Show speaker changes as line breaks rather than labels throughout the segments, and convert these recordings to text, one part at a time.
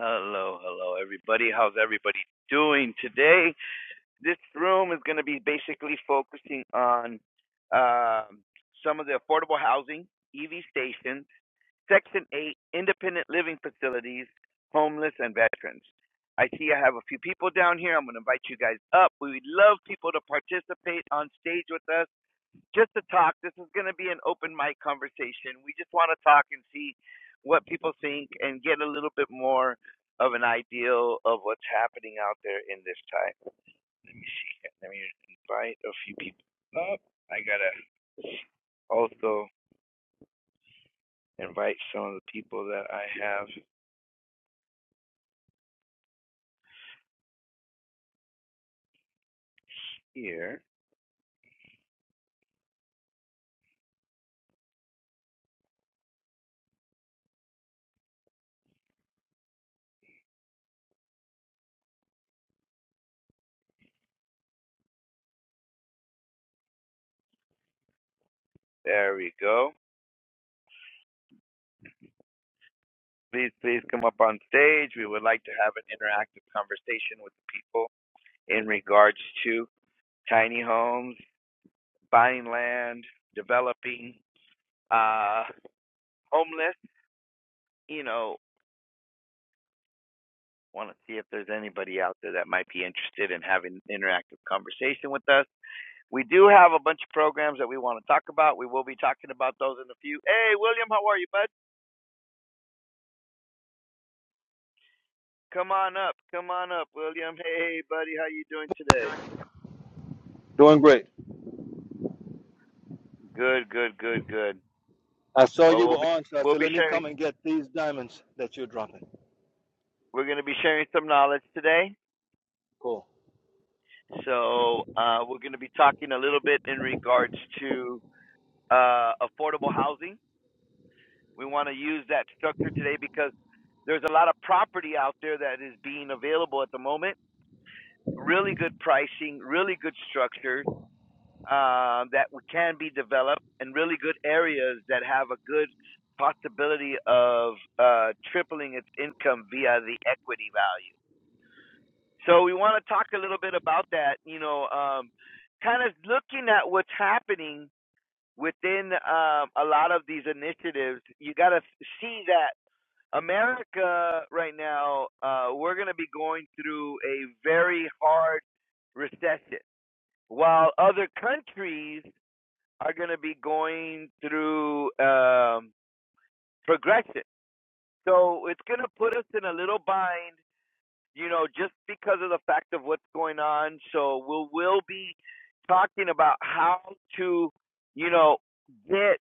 Hello, hello, everybody. How's everybody doing today? This room is going to be basically focusing on um, some of the affordable housing, EV stations, Section 8, independent living facilities, homeless, and veterans. I see I have a few people down here. I'm going to invite you guys up. We would love people to participate on stage with us just to talk. This is going to be an open mic conversation. We just want to talk and see what people think and get a little bit more of an ideal of what's happening out there in this time. Let me invite a few people up. I gotta also invite some of the people that I have here. There we go. Please, please come up on stage. We would like to have an interactive conversation with the people in regards to tiny homes, buying land, developing, uh, homeless, you know, want to see if there's anybody out there that might be interested in having an interactive conversation with us. We do have a bunch of programs that we want to talk about. We will be talking about those in a few. Hey, William, how are you, bud? Come on up. Come on up, William. Hey, buddy, how you doing today?
Doing great.
Good, good, good, good.
I saw
Well,
you were
we'll be
on, so I
we'll
said,
be
let me
sharing
come and get these diamonds that you're dropping.
we're going to be sharing some knowledge today.
Cool.
So, uh, we're going to be talking a little bit in regards to uh, affordable housing We want to use that structure today because there's a lot of property out there that is being available at the moment. Really good pricing, really good structures uh, that can be developed, and really good areas that have a good possibility of uh, tripling its income via the equity value. So we want to talk a little bit about that. You know, um, kind of looking at what's happening within um, a lot of these initiatives, you got to see that America right now, uh, we're going to be going through a very hard recession, while other countries are going to be going through um, progression. So it's going to put us in a little bind, you know, just because of the fact of what's going on. So we'll, we'll be talking about how to, you know, get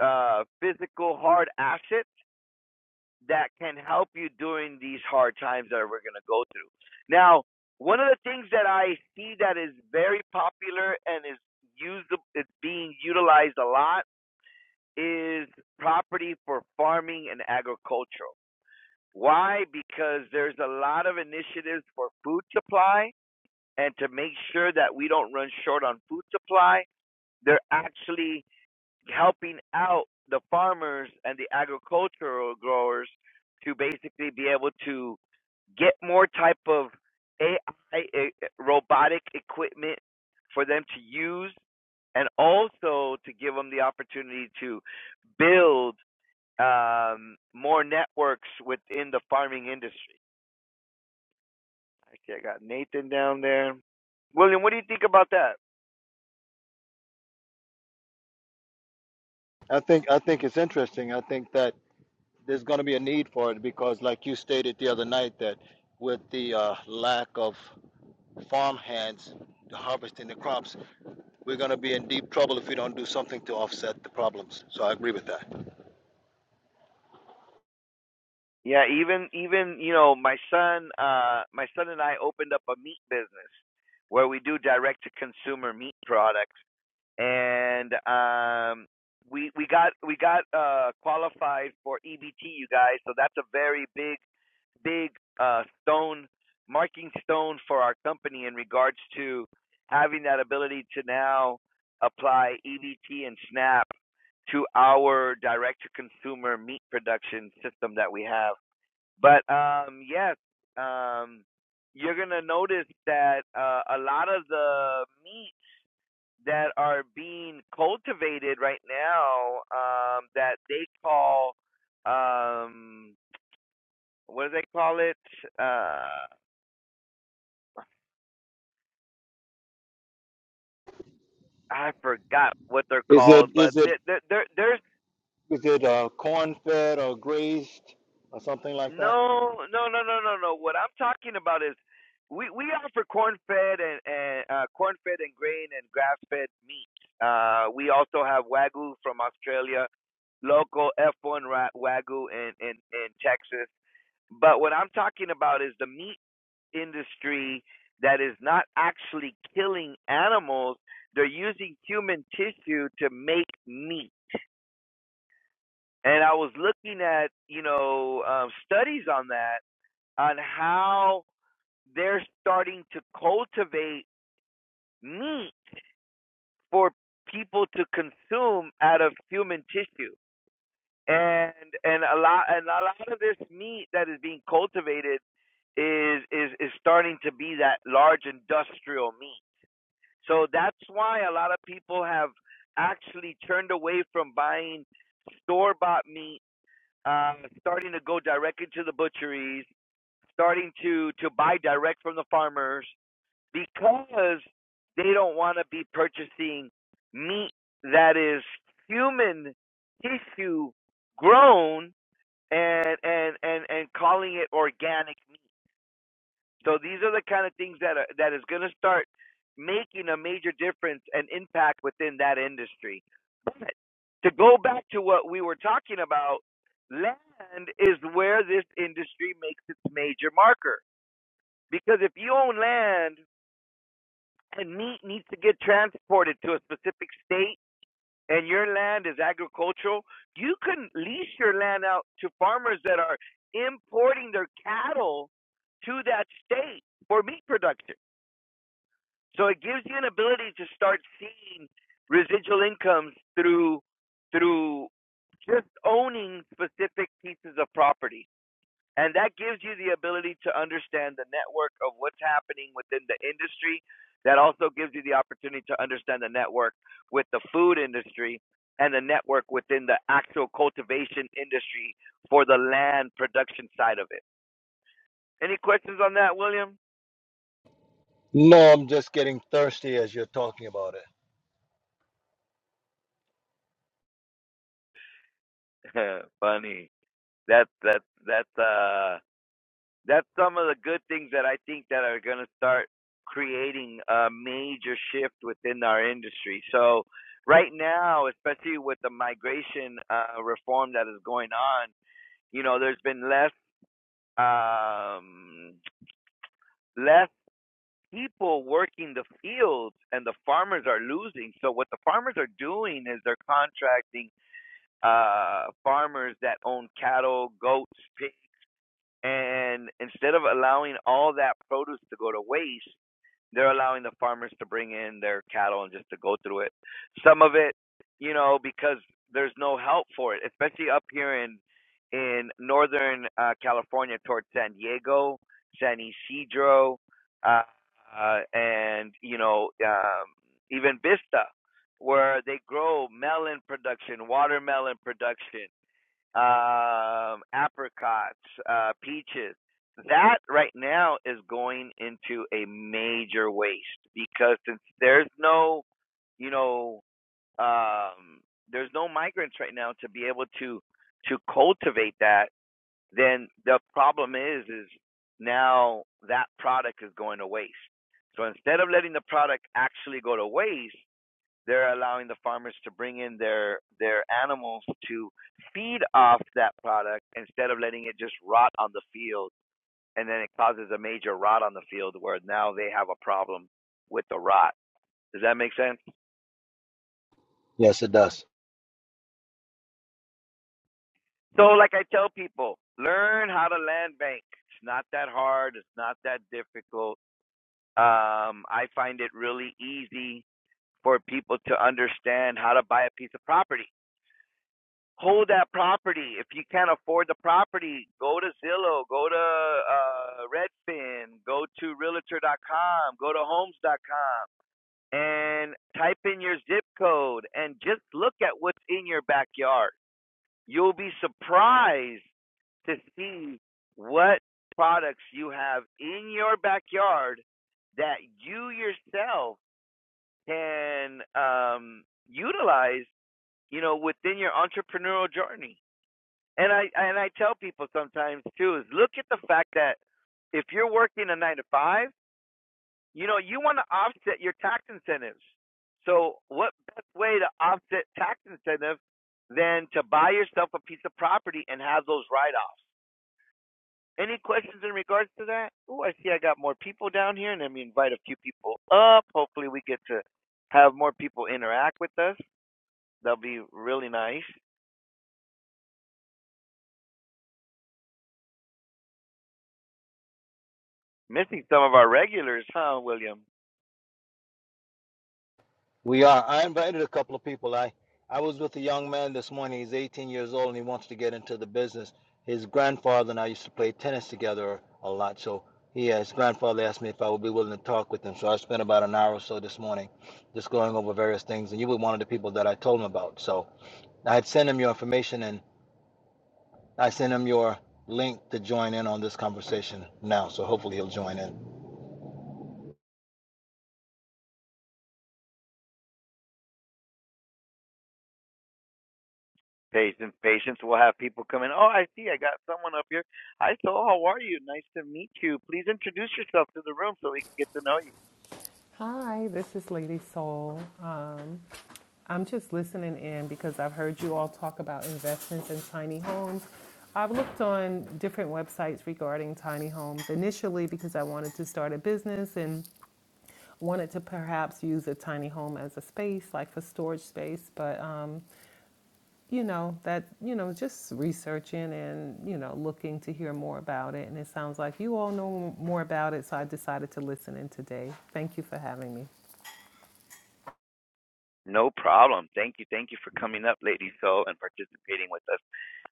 uh, physical hard assets that can help you during these hard times that we're going to go through. Now, one of the things that I see that is very popular and is used, it's being utilized a lot is property for farming and agricultural. Why? Because there's a lot of initiatives for food supply and to make sure that we don't run short on food supply, they're actually helping out the farmers and the agricultural growers to basically be able to get more type of AI e- robotic equipment for them to use, and also to give them the opportunity to build um, more networks within the farming industry. Okay, I got Nathan down there. William, what do you think about that?
I think I think it's interesting. I think that there's going to be a need for it because, like you stated the other night, that with the uh, lack of farmhands harvesting the crops, we're going to be in deep trouble if we don't do something to offset the problems. So I agree with that.
Yeah, even even you know my son, uh, my son and I opened up a meat business where we do direct to consumer meat products, and um, we we got we got uh, qualified for EBT, you guys. So that's a very big big uh, stone marking stone for our company in regards to having that ability to now apply EBT and SNAP to our direct to consumer meat production system that we have. But um, yes, um, you're gonna notice that uh, a lot of the meats that are being cultivated right now um, that they call um, what do they call it? Uh, I forgot what they're
Is it
called, but
is it
there, there, there- there's
is it uh, corn fed or grazed or something like that?
No, no, no, no, no, no. What I'm talking about is we we offer corn fed and and uh, corn fed and grain and grass fed meat. Uh, we also have wagyu from Australia, local F1 ra- wagyu in in in Texas. But what I'm talking about is the meat industry that is not actually killing animals. They're using human tissue to make meat. And I was looking at, you know, um, studies on that on how they're starting to cultivate meat for people to consume out of human tissue. And and a lot and a lot of this meat that is being cultivated is is is starting to be that large industrial meat. So that's why a lot of people have actually turned away from buying store bought meat, uh, starting to go directly to the butcheries, starting to to buy direct from the farmers because they don't want to be purchasing meat that is human tissue grown and and and and calling it organic meat. So these are the kind of things that are, that is going to start making a major difference and impact within that industry. But to go back to what we were talking about, land is where this industry makes its major marker. Because if you own land And meat needs to get transported to a specific state and your land is agricultural, you can lease your land out to farmers that are importing their cattle to that state for meat production. So it gives you an ability to start seeing residual incomes through through just owning specific pieces of property. And that gives you the ability to understand the network of what's happening within the industry. That also gives you the opportunity to understand the network with the food industry and the network within the actual cultivation industry for the land production side of it. Any questions on that, William?
No, I'm just getting thirsty as you're talking about it.
Funny. That's that's that's uh that's some of the good things that I think that are going to start creating a major shift within our industry. So right now, especially with the migration uh, reform that is going on, you know, there's been less um, less people working the fields, and the farmers are losing. So what the farmers are doing is they're contracting uh, farmers that own cattle, goats, pigs and instead of allowing all that produce to go to waste, they're allowing the farmers to bring in their cattle and just to go through it. Some of it, you know, because there's no help for it, especially up here in in northern uh, California towards San Diego, San Isidro, uh, uh, and you know um, even Vista, where they grow melon production, watermelon production um, apricots, uh, peaches. That right now is going into a major waste because since there's no, you know, um, there's no migrants right now to be able to to cultivate that. Then the problem is is now that product is going to waste. So instead of letting the product actually go to waste, they're allowing the farmers to bring in their their animals to feed off that product instead of letting it just rot on the field and then it causes a major rot on the field where now they have a problem with the rot does that make sense
Yes, it does.
so like i tell people learn how to land bank it's not that hard it's not that difficult um i find it really easy for people to understand how to buy a piece of property hold that property. If you can't afford the property, go to Zillow, go to uh, Redfin, go to Realtor.com, go to Homes.com, and type in your zip code and just look at what's in your backyard. You'll be surprised to see what products you have in your backyard that you yourself can um, utilize, you know, within your entrepreneurial journey and I and I tell people sometimes too is look at the fact that if you're working a nine to five, you know you want to offset your tax incentives. So what best way to offset tax incentive than to buy yourself a piece of property and have those write offs? Any questions in regards to that? Oh, I see I got more people down here, and then we invite a few people up. Hopefully, we get to have more people interact with us. That'll be really nice. Missing some of our regulars, huh, William?
We are. I invited a couple of people. I I was with a young man this morning. He's 18 years old and he wants to get into the business. His grandfather and I used to play tennis together a lot. So he, his grandfather asked me if I would be willing to talk with him. So I spent about an hour or so this morning just going over various things. And you were one of the people that I told him about. So I had sent him your information and I sent him your link to join in on this conversation now. So hopefully he'll join in.
Patients, patients will have people come in. Oh, I see. I got someone up here. Hi, so how are you? Nice to meet you. Please introduce yourself to the room so we can get to know you.
Hi, this is Lady Soul. Um, I'm just listening in because I've heard you all talk about investments in tiny homes. I've looked on different websites regarding tiny homes initially because I wanted to start a business and wanted to perhaps use a tiny home as a space, like for storage space. But, um, you know, that, you know, just researching and, you know, looking to hear more about it. And it sounds like you all know more about it. So I decided to listen in today. Thank you for having me.
No problem. Thank you. Thank you for coming up, Lady Soul, and participating with us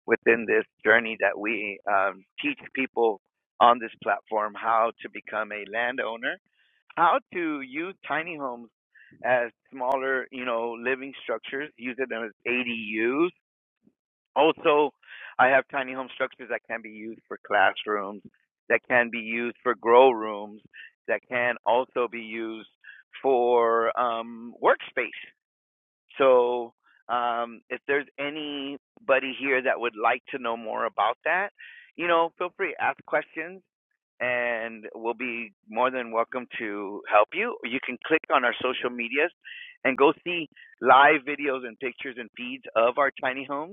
within this journey that we um, teach people on this platform how to become a landowner, how to use tiny homes as smaller, you know, living structures, use it as ADUs Also, I have tiny home structures that can be used for classrooms, that can be used for grow rooms, that can also be used for um, workspace. So, um, if there's anybody here that would like to know more about that, you know, feel free to ask questions. And we'll be more than welcome to help you. You can click on our social medias and go see live videos and pictures and feeds of our tiny homes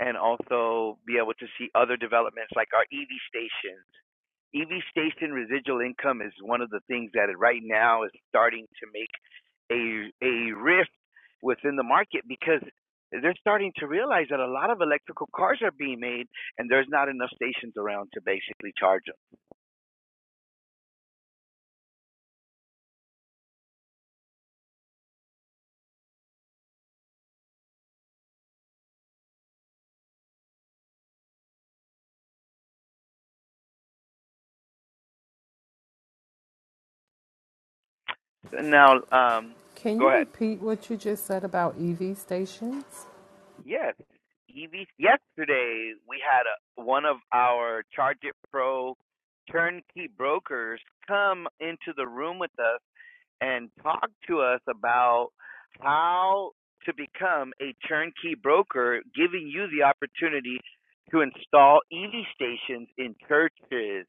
and also be able to see other developments like our EV stations. EV station residual income is one of the things that right now is starting to make a a rift within the market because they're starting to realize that a lot of electrical cars are being made and there's not enough stations around to basically charge them. And Now, um,
Can
go
you
ahead.
repeat what you just said about EV stations?
Yes, EV. Yesterday we had a, one of our Charge It Pro turnkey brokers come into the room with us and talk to us about how to become a turnkey broker, giving you the opportunity to install EV stations in churches,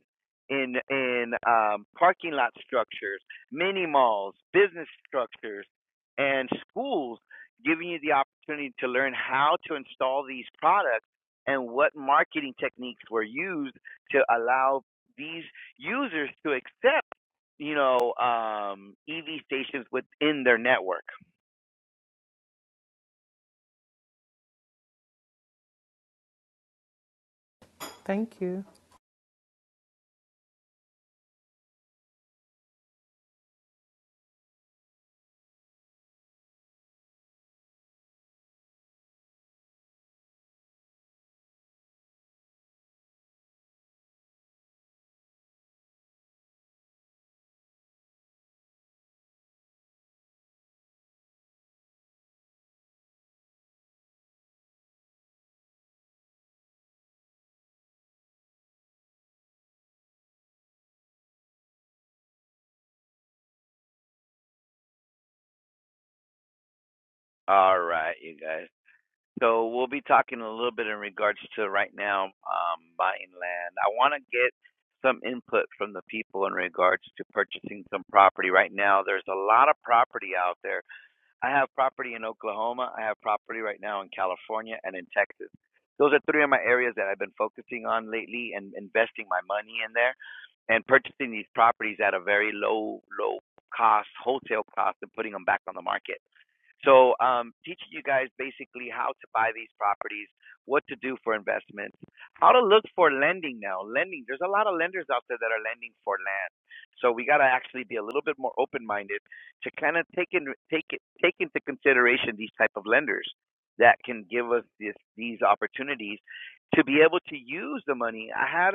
in in um, parking lot structures, mini malls, business structures, and schools, giving you the opportunity to learn how to install these products and what marketing techniques were used to allow these users to accept you know, um, EV stations within their network.
Thank you.
All right, you guys. So we'll be talking a little bit in regards to right now um, buying land. I want to get some input from the people in regards to purchasing some property. Right now, there's a lot of property out there I have property in Oklahoma. I have property right now in California and in Texas. Those are three of my areas that I've been focusing on lately and investing my money in there and purchasing these properties at a very low, low cost, wholesale cost, and putting them back on the market. So, um, teaching you guys basically how to buy these properties, what to do for investments, how to look for lending now. Lending, there's a lot of lenders out there that are lending for land. So we got to actually be a little bit more open-minded to kind of take in, take it, take into consideration these type of lenders that can give us this, these opportunities to be able to use the money. I had,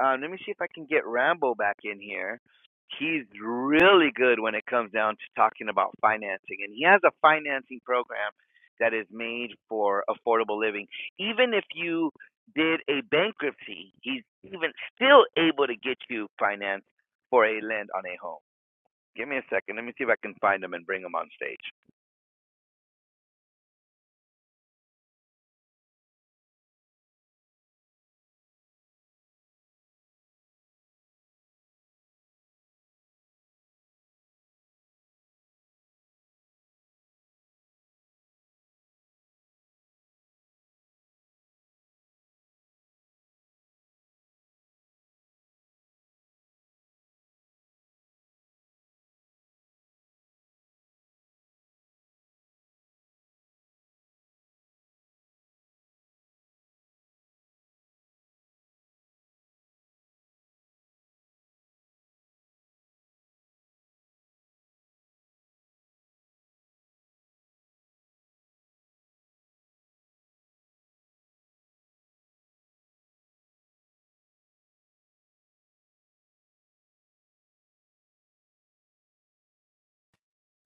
uh, let me see if I can get Rambo back in here he's really good when it comes down to talking about financing and he has a financing program that is made for affordable living even if you did a bankruptcy he's even still able to get you finance for a land on a home give me a second let me see if i can find him and bring him on stage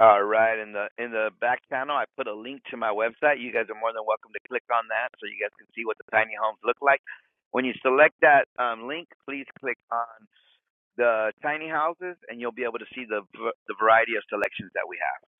all right in the in the back panel, i put a link to my website you guys are more than welcome to click on that so you guys can see what the tiny homes look like when you select that um, link please click on the tiny houses, and you'll be able to see the the variety of selections that we have.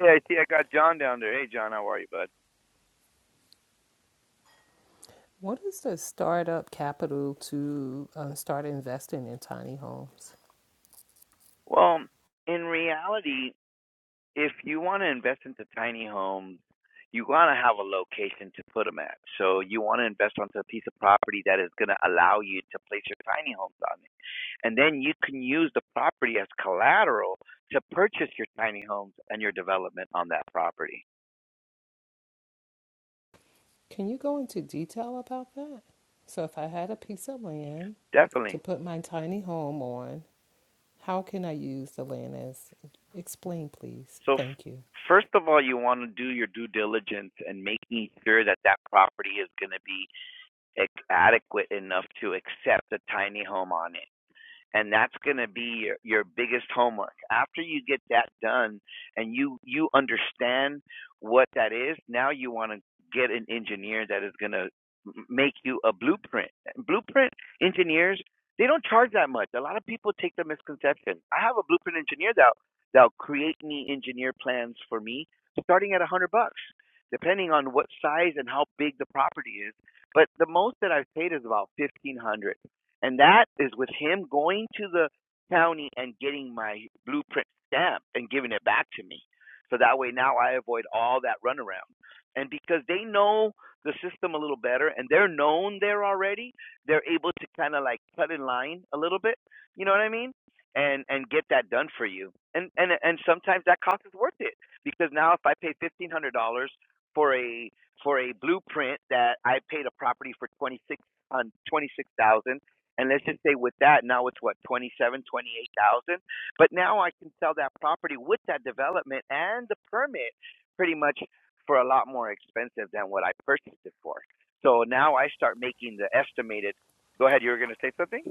Hey, I see I got John down there. Hey, John, how are you, bud?
What is the startup capital to um, start investing in tiny homes?
Well, in reality, if you want to invest into tiny homes, you want to have a location to put them at. So you want to invest onto a piece of property that is going to allow you to place your tiny homes on it, and then you can use the property as collateral to purchase your tiny homes and your development on that property.
Can you go into detail about that? So, if I had a piece of land
Definitely.
to put my tiny home on, how can I use the land as? Explain, please.
So f-
Thank you.
first of all, you want to do your due diligence and making sure that that property is going to be ex- adequate enough to accept a tiny home on it and that's going to be your, your biggest homework after you get that done and you you understand what that is now you want to get an engineer that is going to make you a blueprint blueprint engineers they don't charge that much a lot of people take the misconception i have a blueprint engineer that that'll create me engineer plans for me starting at a hundred bucks depending on what size and how big the property is but the most that i've paid is about fifteen hundred and that is with him going to the county and getting my blueprint stamp and giving it back to me. So that way now I avoid all that runaround. And because they know the system a little better and they're known there already, they're able to kind of like cut in line a little bit. You know what I mean? And and get that done for you. And and and sometimes that cost is worth it because now if I pay fifteen hundred dollars for a for a blueprint that I paid a property for twenty six on twenty six thousand. And let's just say with that, now it's what, 27, 28,000. But now I can sell that property with that development and the permit pretty much for a lot more expensive than what I purchased it for. So now I start making the estimated. Go ahead, you were going to say something?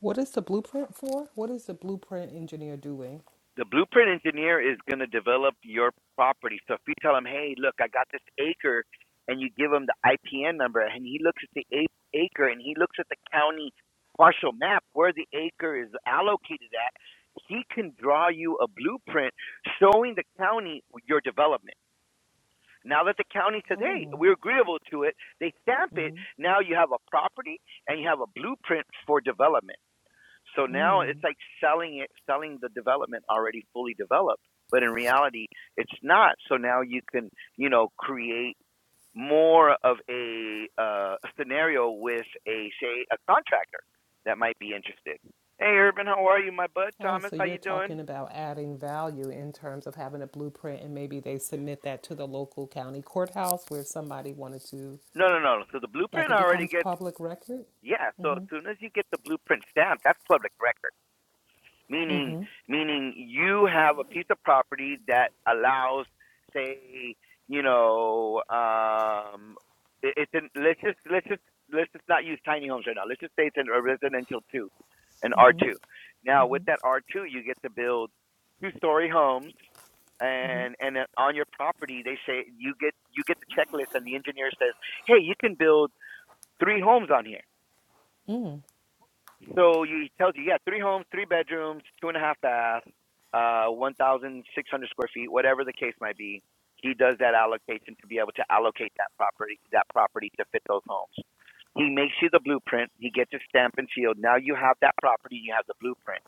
What is the blueprint for? What is the blueprint engineer doing?
the blueprint engineer is going to develop your property. So if you tell him, hey, look, I got this acre, and you give him the IPN number, and he looks at the a- acre and he looks at the county partial map where the acre is allocated at, he can draw you a blueprint showing the county your development. Now that the county says, hey,
Oh,
we're agreeable to it, they stamp it. Now you have a property and you have a blueprint for development. So now it's like selling it, selling the development already fully developed, but in reality, it's not. So now you can, you know, create more of a uh, scenario with a say a contractor that might be interested. Hey, Urban, how are you, my bud?
Oh,
Thomas,
so
how
you're
you doing?
talking about adding value in terms of having a blueprint and maybe they submit that to the local county courthouse where somebody wanted to,
No, no, no. So the
like
blueprint
it
already
becomes
gets
public record?
yeah. So as soon as you get the blueprint stamped, that's public record meaning meaning you have a piece of property that allows say you know um it, it's an let's just let's just let's just not use tiny homes right now let's just say it's an, a residential two an r2 now with that r2 you get to build two story homes and and uh, on your property they say you get you get the checklist and the engineer says hey you can build three homes on here so you tells you, yeah, three homes, three bedrooms, two and a half bath, uh, 1,600 square feet, whatever the case might be. He does that allocation to be able to allocate that property, that property to fit those homes. He makes you the blueprint. He gets it stamped and sealed. Now you have that property. You have the blueprint.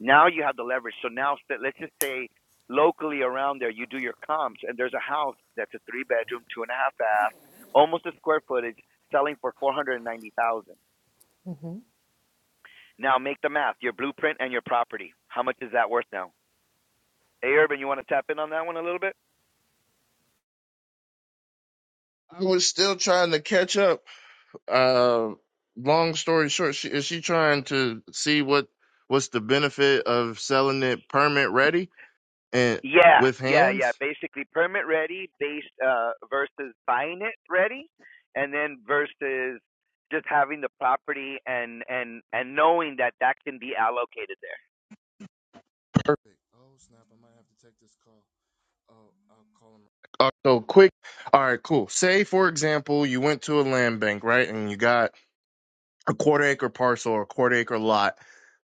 Now you have the leverage. So now let's just say locally around there, you do your comps, and there's a house that's a three bedroom, two and a half bath, almost a square footage, selling for 490,000. Now make the math, your blueprint and your property. How much is that worth now? Hey, Urban, you want to tap in on that one a little bit?
I was still trying to catch up. Uh, long story short, she, is she trying to see what what's the benefit of selling it permit ready and
Yeah,
with
yeah, yeah.
hands?
Basically, permit ready based uh, versus buying it ready, and then versus just having the property and and and knowing that that can be allocated there.
Perfect. Oh snap! I might have to take this call. Oh, I'll call him. Uh, so quick. All right, cool. Say for example, you went to a land bank, right, and you got a quarter acre parcel or a quarter acre lot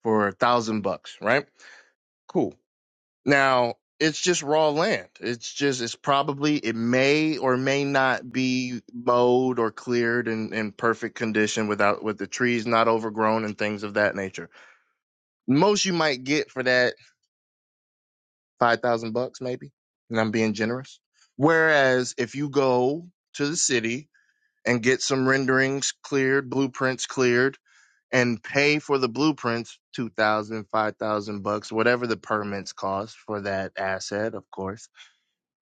for a thousand bucks, right? Cool. Now, it's just raw land. It's just, it's probably, it may or may not be mowed or cleared in, in perfect condition without, with the trees not overgrown and things of that nature. Most you might get for that 5,000 bucks, maybe. And I'm being generous. Whereas if you go to the city and get some renderings cleared, blueprints cleared, and pay for the blueprints, 2,000, 5,000 bucks, whatever the permits cost for that asset, of course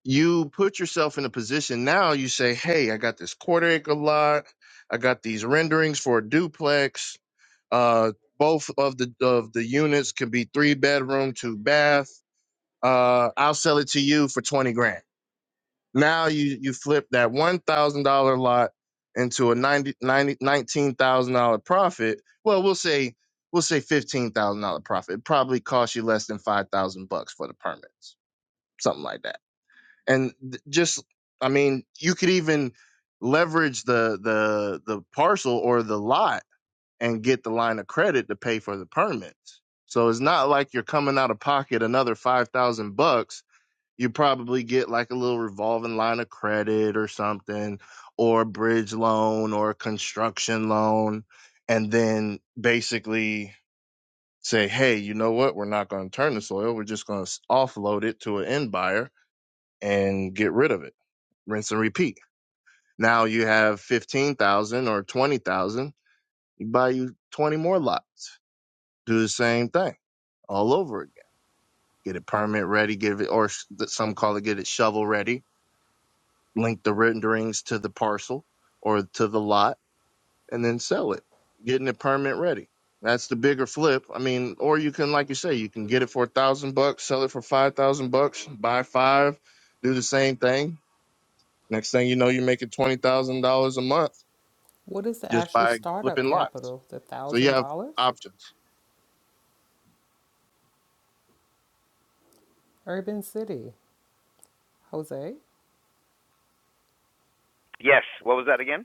you put yourself in a position now you say hey i got this quarter acre lot i got these renderings for a duplex uh both of the of the units can be three bedroom two bath uh i'll sell it to you for 20 grand now you you flip that $1000 lot into a 90 90 dollars profit well we'll say we'll say $15000 profit it probably cost you less than 5000 bucks for the permits something like that and th- just i mean you could even leverage the the the parcel or the lot and get the line of credit to pay for the permits so it's not like you're coming out of pocket another 5000 bucks you probably get like a little revolving line of credit or something or a bridge loan or a construction loan and then basically say hey you know what we're not going to turn the soil we're just going to offload it to an end buyer and get rid of it. Rinse and repeat. Now you have 15,000 or 20,000. You buy you 20 more lots. Do the same thing all over again. Get it permit ready, give it, or some call it get it shovel ready, link the renderings to the parcel or to the lot, and then sell it. Getting it permit ready. That's the bigger flip. I mean, or you can, like you say, you can get it for a thousand bucks, sell it for five thousand bucks, buy five, do the same thing, Next thing you know, you're making twenty thousand dollars a month
What is the
just
actual
by
startup
flipping lots.
capital? The
So you
thousand
have
dollars?
options.
Urban City. Jose?
Yes. What was that again?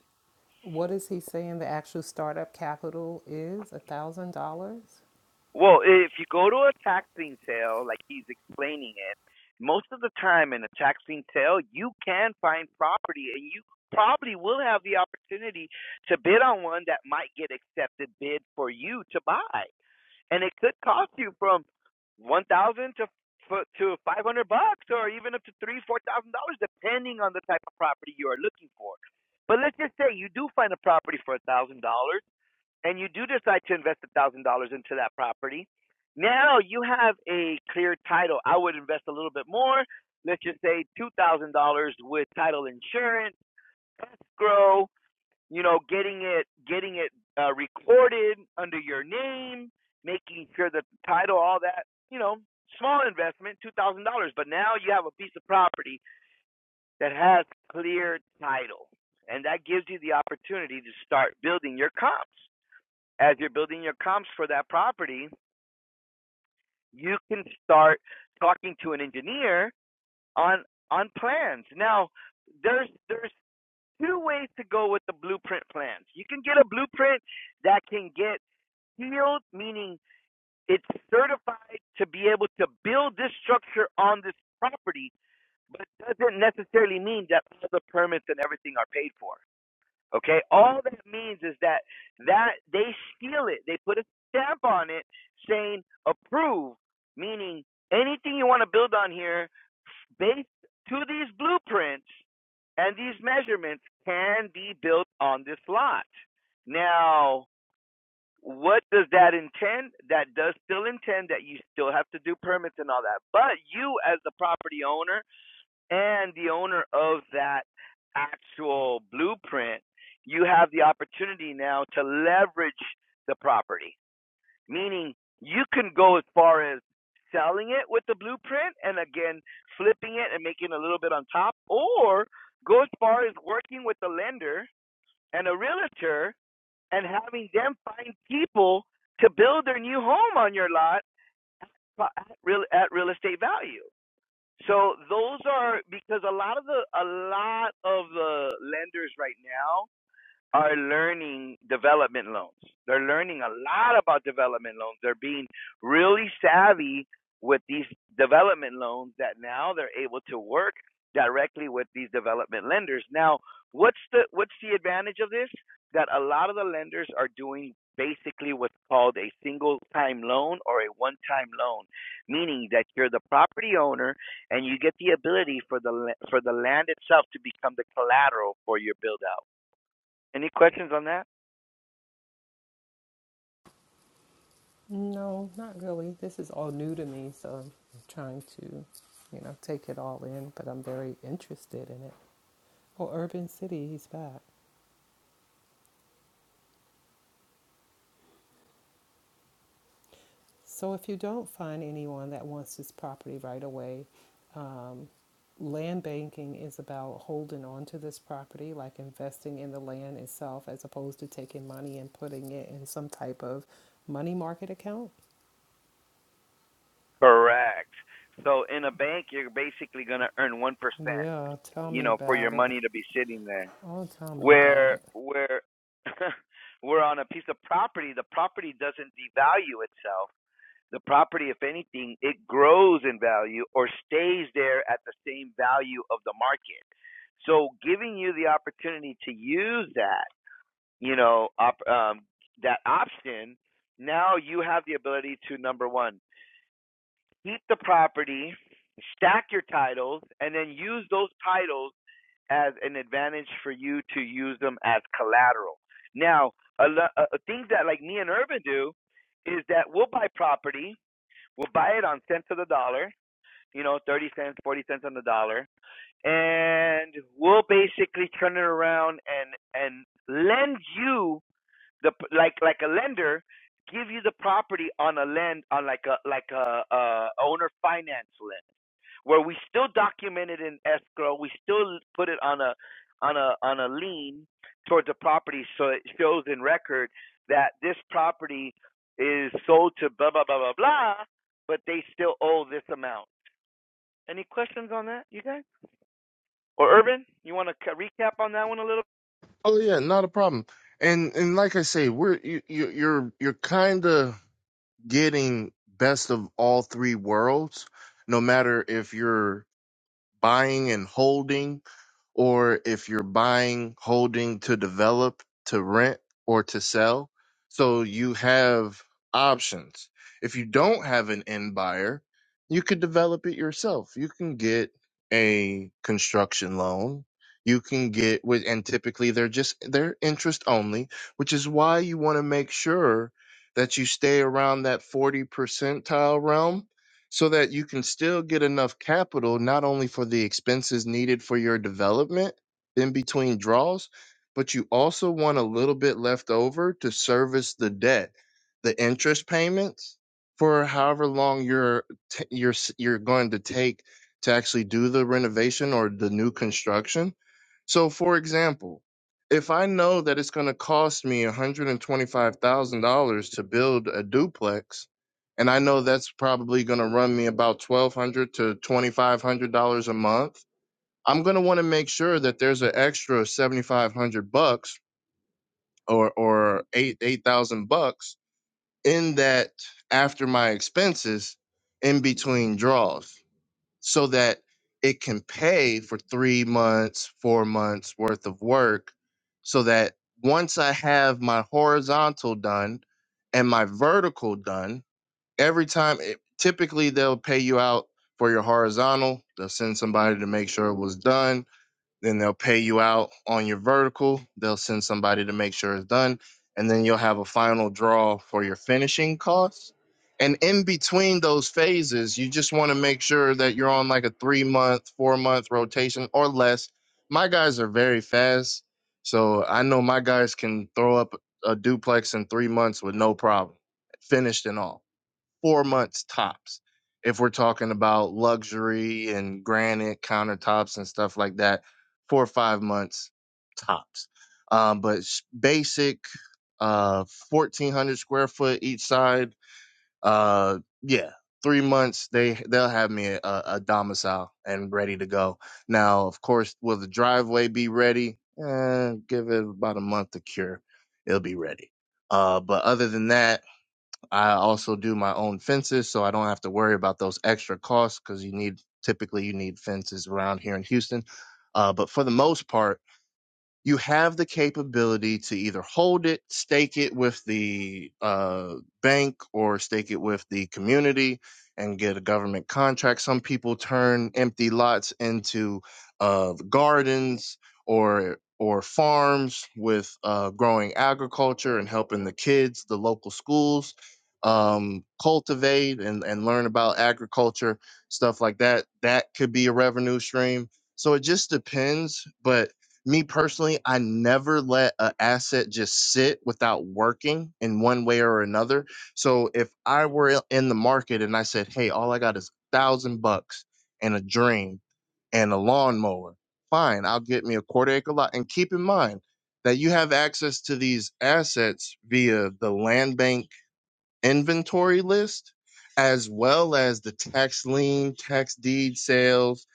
What is he saying the actual startup capital is? A thousand dollars?
Well, if you go to a taxing sale, like he's explaining it, most of the time in a taxing sale, you can find property and you probably will have the opportunity to bid on one that might get accepted bid for you to buy. And it could cost you from 1000 to to 500 bucks or even up to 3 $4,000 depending on the type of property you are looking for. But let's just say you do find a property for $1,000 and you do decide to invest a thousand dollars into that property, now you have a clear title. I would invest a little bit more. Let's just say two thousand dollars with title insurance, escrow. You know, getting it getting it uh, recorded under your name, making sure that the title, all that. You know, small investment, two thousand dollars. But now you have a piece of property that has clear title, and that gives you the opportunity to start building your comps as you're building your comps for that property, you can start talking to an engineer on on plans. Now, there's there's two ways to go with the blueprint plans. You can get a blueprint that can get sealed, meaning it's certified to be able to build this structure on this property, but doesn't necessarily mean that all the permits and everything are paid for. Okay, all that means is that that they steal it. They put a stamp on it saying approve, meaning anything you want to build on here based to these blueprints and these measurements can be built on this lot. Now, what does that intend? That does still intend that you still have to do permits and all that. But you as the property owner and the owner of that actual blueprint, you have the opportunity now to leverage the property, meaning you can go as far as selling it with the blueprint and again flipping it and making a little bit on top, or go as far as working with the lender and a realtor and having them find people to build their new home on your lot at real, at real estate value. So those are because a lot of the a lot of the lenders right now are learning development loans. They're learning a lot about development loans. They're being really savvy with these development loans that now they're able to work directly with these development lenders. Now, what's the what's the advantage of this? That a lot of the lenders are doing basically what's called a single time loan or a one time loan, meaning that you're the property owner and you get the ability for the for the land itself to become the collateral for your build out. Any questions on that?
No, not really. This is all new to me, so I'm trying to, you know, take it all in, but I'm very interested in it. Oh, Urban City, he's back. So if you don't find anyone that wants this property right away, um, land banking is about holding on to this property, like investing in the land itself, as opposed to taking money and putting it in some type of money market account.
Correct. So in a bank, you're basically going to earn one percent,
Yeah, tell
you
me
know, for your
about it.
money to be sitting there.
Oh, tell me about
Where
it.
where we're on a piece of property, the property doesn't devalue itself. The property, if anything, it grows in value or stays there at the same value of the market. So giving you the opportunity to use that, you know, op, um, that option, now you have the ability to number one keep the property, stack your titles, and then use those titles as an advantage for you to use them as collateral. Now, a, a things that like me and Urban do is that we'll buy property, we'll buy it on cents of the dollar, you know, 30 cents, 40 cents on the dollar, and we'll basically turn it around and and lend you the like like a lender give you the property on a lend on like a like a, a owner finance lend where we still document it in escrow we still put it on a on a on a lien towards the property so it shows in record that this property is sold to blah blah blah blah blah but they still owe this amount any questions on that you guys or urban you want to recap on that one a little
Oh yeah, not a problem. And and like I say, we're you, you you're you're kind of getting best of all three worlds. No matter if you're buying and holding, or if you're buying, holding to develop, to rent, or to sell. So you have options. If you don't have an end buyer, you could develop it yourself. You can get a construction loan. You can get with, and typically they're just, they're interest only, which is why you want to make sure that you stay around that 40 percentile realm so that you can still get enough capital not only for the expenses needed for your development in between draws, but you also want a little bit left over to service the debt, the interest payments for however long you're t- you're s- you're going to take to actually do the renovation or the new construction. So for example, if I know that it's going to cost me $125,000 to build a duplex, and I know that's probably going to run me about twelve hundred dollars to twenty five hundred dollars a month. I'm going to want to make sure that there's an extra seventy five hundred bucks or or eight eight thousand bucks in that after my expenses in between draws, so that it can pay for three months, four months worth of work, so that once I have my horizontal done and my vertical done every time it, typically they'll pay you out for your horizontal they'll send somebody to make sure it was done then they'll pay you out on your vertical they'll send somebody to make sure it's done and then you'll have a final draw for your finishing costs and in between those phases you just want to make sure that you're on like a three month four month rotation or less my guys are very fast so i know my guys can throw up a duplex in three months with no problem finished and all four months tops if we're talking about luxury and granite countertops and stuff like that four or five months tops um, but s- basic uh 1400 square foot each side uh yeah three months they they'll have me a, a domicile and ready to go now of course will the driveway be ready eh, give it about a month to cure it'll be ready uh but other than that I also do my own fences, so I don't have to worry about those extra costs because you need typically you need fences around here in Houston. Uh, but for the most part, you have the capability to either hold it, stake it with the uh, bank, or stake it with the community and get a government contract. Some people turn empty lots into uh, gardens or or farms with uh, growing agriculture and helping the kids, the local schools um, cultivate and, and learn about agriculture, stuff like that. That could be a revenue stream. So it just depends, but me personally, I never let an asset just sit without working in one way or another. So if I were in the market and I said, hey, all I got is a thousand bucks and a dream and a lawnmower, fine, I'll get me a quarter acre lot. And keep in mind that you have access to these assets via the land bank inventory list as well as the tax lien, tax deed sales,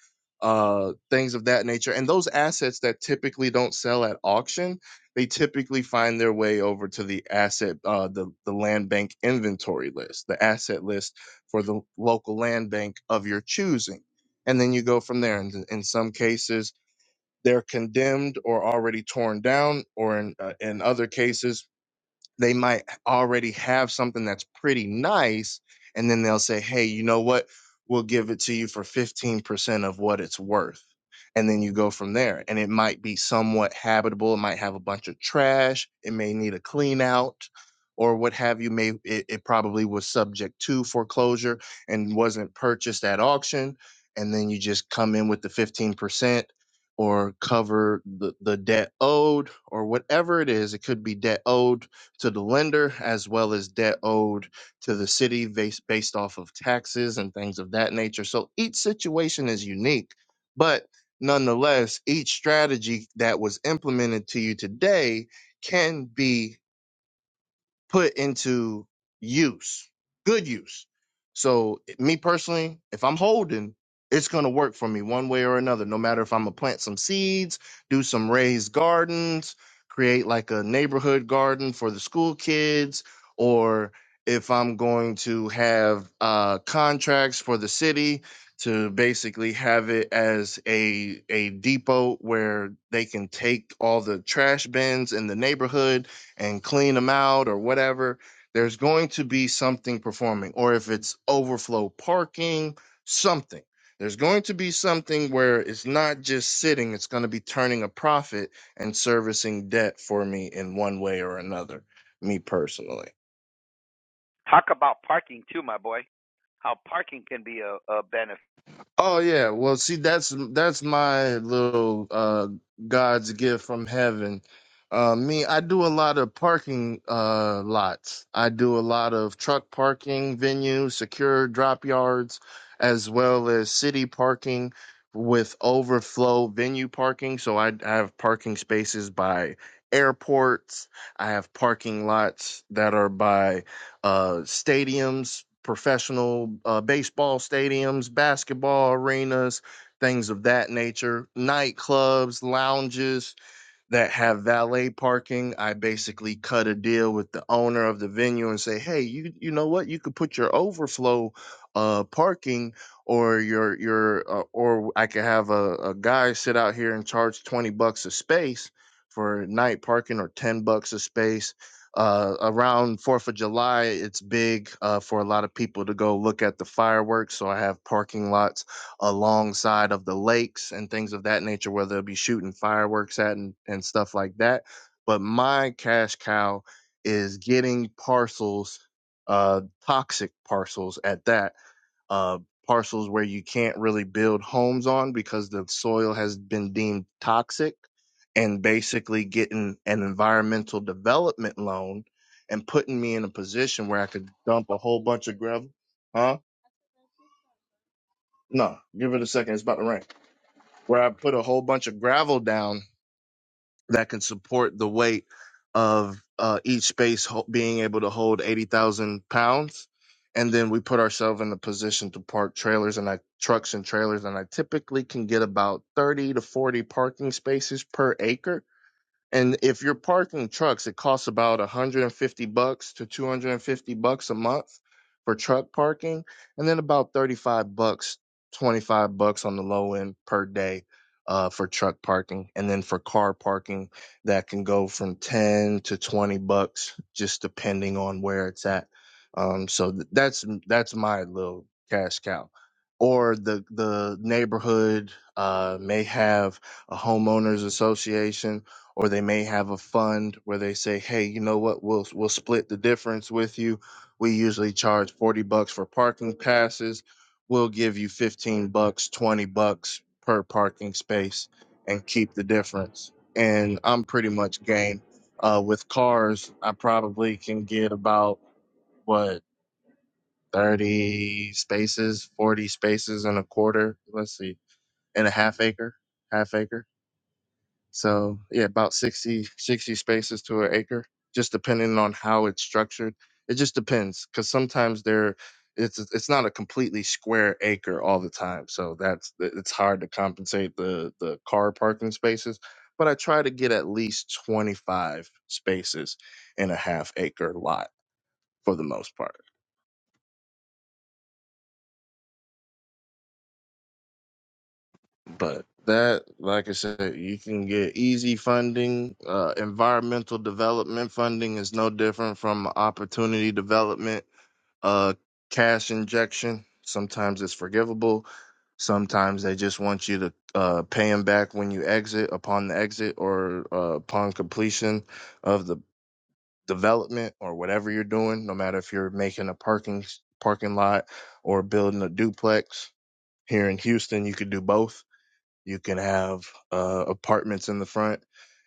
uh, things of that nature. And those assets that typically don't sell at auction, they typically find their way over to the asset, uh, the, the land bank inventory list, the asset list for the local land bank of your choosing. And then you go from there. And in in some cases, they're condemned or already torn down, or in, uh, in other cases, they might already have something that's pretty nice and then they'll say hey you know what we'll give it to you for 15% of what it's worth and then you go from there and it might be somewhat habitable it might have a bunch of trash it may need a clean out or what have you may it, it probably was subject to foreclosure and wasn't purchased at auction and then you just come in with the 15% or cover the, the debt owed or whatever it is it could be debt owed to the lender as well as debt owed to the city based, based off of taxes and things of that nature. So each situation is unique, but nonetheless, each strategy that was implemented to you today can be put into use, good use. So, me personally, if I'm holding, it's going to work for me one way or another, no matter if I'm going to plant some seeds, do some raised gardens, create like a neighborhood garden for the school kids, or if I'm going to have uh, contracts for the city to basically have it as a a depot where they can take all the trash bins in the neighborhood and clean them out or whatever, there's going to be something performing. Or if it's overflow parking, something. There's going to be something where it's not just sitting, it's going to be turning a profit and servicing debt for me in one way or another, me personally.
talk about parking too my boy how parking can be a, a benefit
Oh yeah, well, see, that's that's my little uh God's gift from heaven. Uh, me, I do a lot of parking uh lots. I do a lot of truck parking venues, secure drop yards, as well as city parking with overflow venue parking. So I, I have parking spaces by airports. I have parking lots that are by uh, stadiums, professional uh, baseball stadiums, basketball arenas, things of that nature, nightclubs, lounges, that have valet parking. I basically cut a deal with the owner of the venue and say, "Hey, you you know what? You could put your overflow uh parking or your your uh, or I could have a, a guy sit out here and charge 20 bucks a space for night parking or 10 bucks a space. Uh, around 4th of July, it's big uh, for a lot of people to go look at the fireworks. So I have parking lots alongside of the lakes and things of that nature where they'll be shooting fireworks at and, and stuff like that. But my cash cow is getting parcels, uh, toxic parcels at that, uh, parcels where you can't really build homes on because the soil has been deemed toxic and basically getting an environmental development loan and putting me in a position where I could dump a whole bunch of gravel. Huh? No, give it a second. It's about to rain where I put a whole bunch of gravel down that can support the weight of uh, each space ho- being able to hold 80,000 pounds. And then we put ourselves in a position to park trailers and I trucks and trailers. And I typically can get about 30 to 40 parking spaces per acre and if you're parking trucks, it costs about 150 bucks to 250 bucks a month for truck parking, and then about 35 bucks, 25 bucks on the low end per day uh, for truck parking, and then for car parking that can go from 10 to 20 bucks, just depending on where it's at. Um, so th- that's that's my little cash cow. Or the the neighborhood uh, may have a homeowners association or they may have a fund where they say, "Hey, you know what? We'll we'll split the difference with you. We usually charge 40 bucks for parking passes. We'll give you 15 bucks, 20 bucks per parking space and keep the difference." And I'm pretty much game. Uh with cars, I probably can get about what 30 spaces, 40 spaces and a quarter, let's see, in a half acre, half acre so yeah, about 60 60 spaces to an acre, just depending on how it's structured. It just depends because sometimes there, it's it's not a completely square acre all the time. So that's it's hard to compensate the the car parking spaces. But I try to get at least twenty five spaces in a half acre lot for the most part. But that, like I said, you can get easy funding. Uh, environmental development funding is no different from opportunity development, uh, cash injection. Sometimes it's forgivable. Sometimes they just want you to uh, pay them back when you exit, upon the exit, or uh, upon completion of the development or whatever you're doing. No matter if you're making a parking parking lot or building a duplex. Here in Houston, you could do both you can have uh, apartments in the front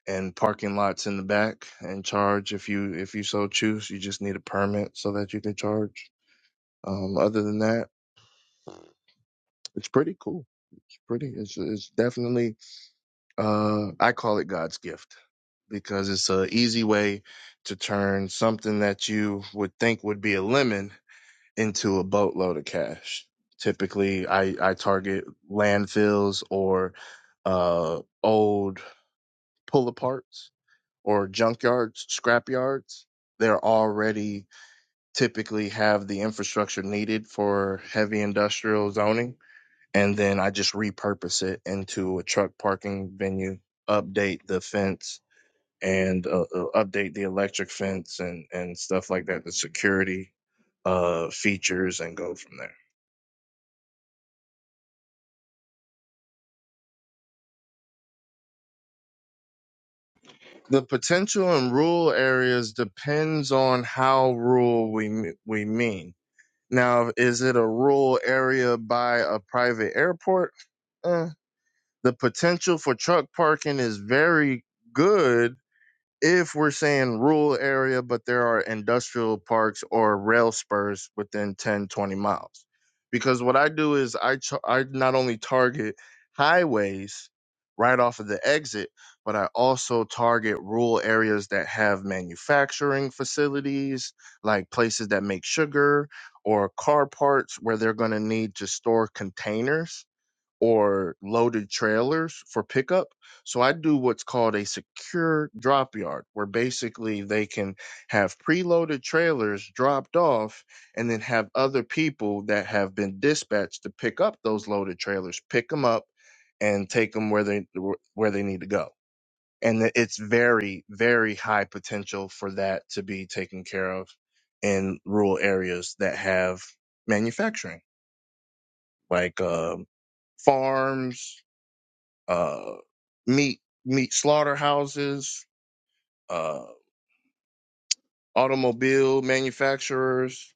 and parking lots in the back and charge if you if you so choose. You just need a permit so that you can charge. Um, other than that, it's pretty cool. It's pretty. It's it's definitely uh, I call it God's gift because it's a easy way to turn something that you would think would be a lemon into a boatload of cash. Typically, I I target landfills or uh, old pull aparts or junkyards, scrap yards, they're already typically have the infrastructure needed for heavy industrial zoning. And then I just repurpose it into a truck parking venue, update the fence and uh, uh, update the electric fence and, and stuff like that, the security uh, features and go from there. The potential in rural areas depends on how rural we, we mean Now, is it a rural area by a private airport? Uh, the potential for truck parking is very good if we're saying rural area, but there are industrial parks or rail spurs within 10, 20 miles. Because what I do is I, ch- I not only target highways right off of the exit, but I also target rural areas that have manufacturing facilities, like places that make sugar or car parts where they're going to need to store containers or loaded trailers for pickup. So I do what's called a secure drop yard, where basically they can have preloaded trailers dropped off and then have other people that have been dispatched to pick up those loaded trailers, pick them up and take them where they where they need to go. And it- it's very very high potential for that to be taken care of in rural areas that have manufacturing like um farms uh, meat meat slaughterhouses, uh, automobile manufacturers,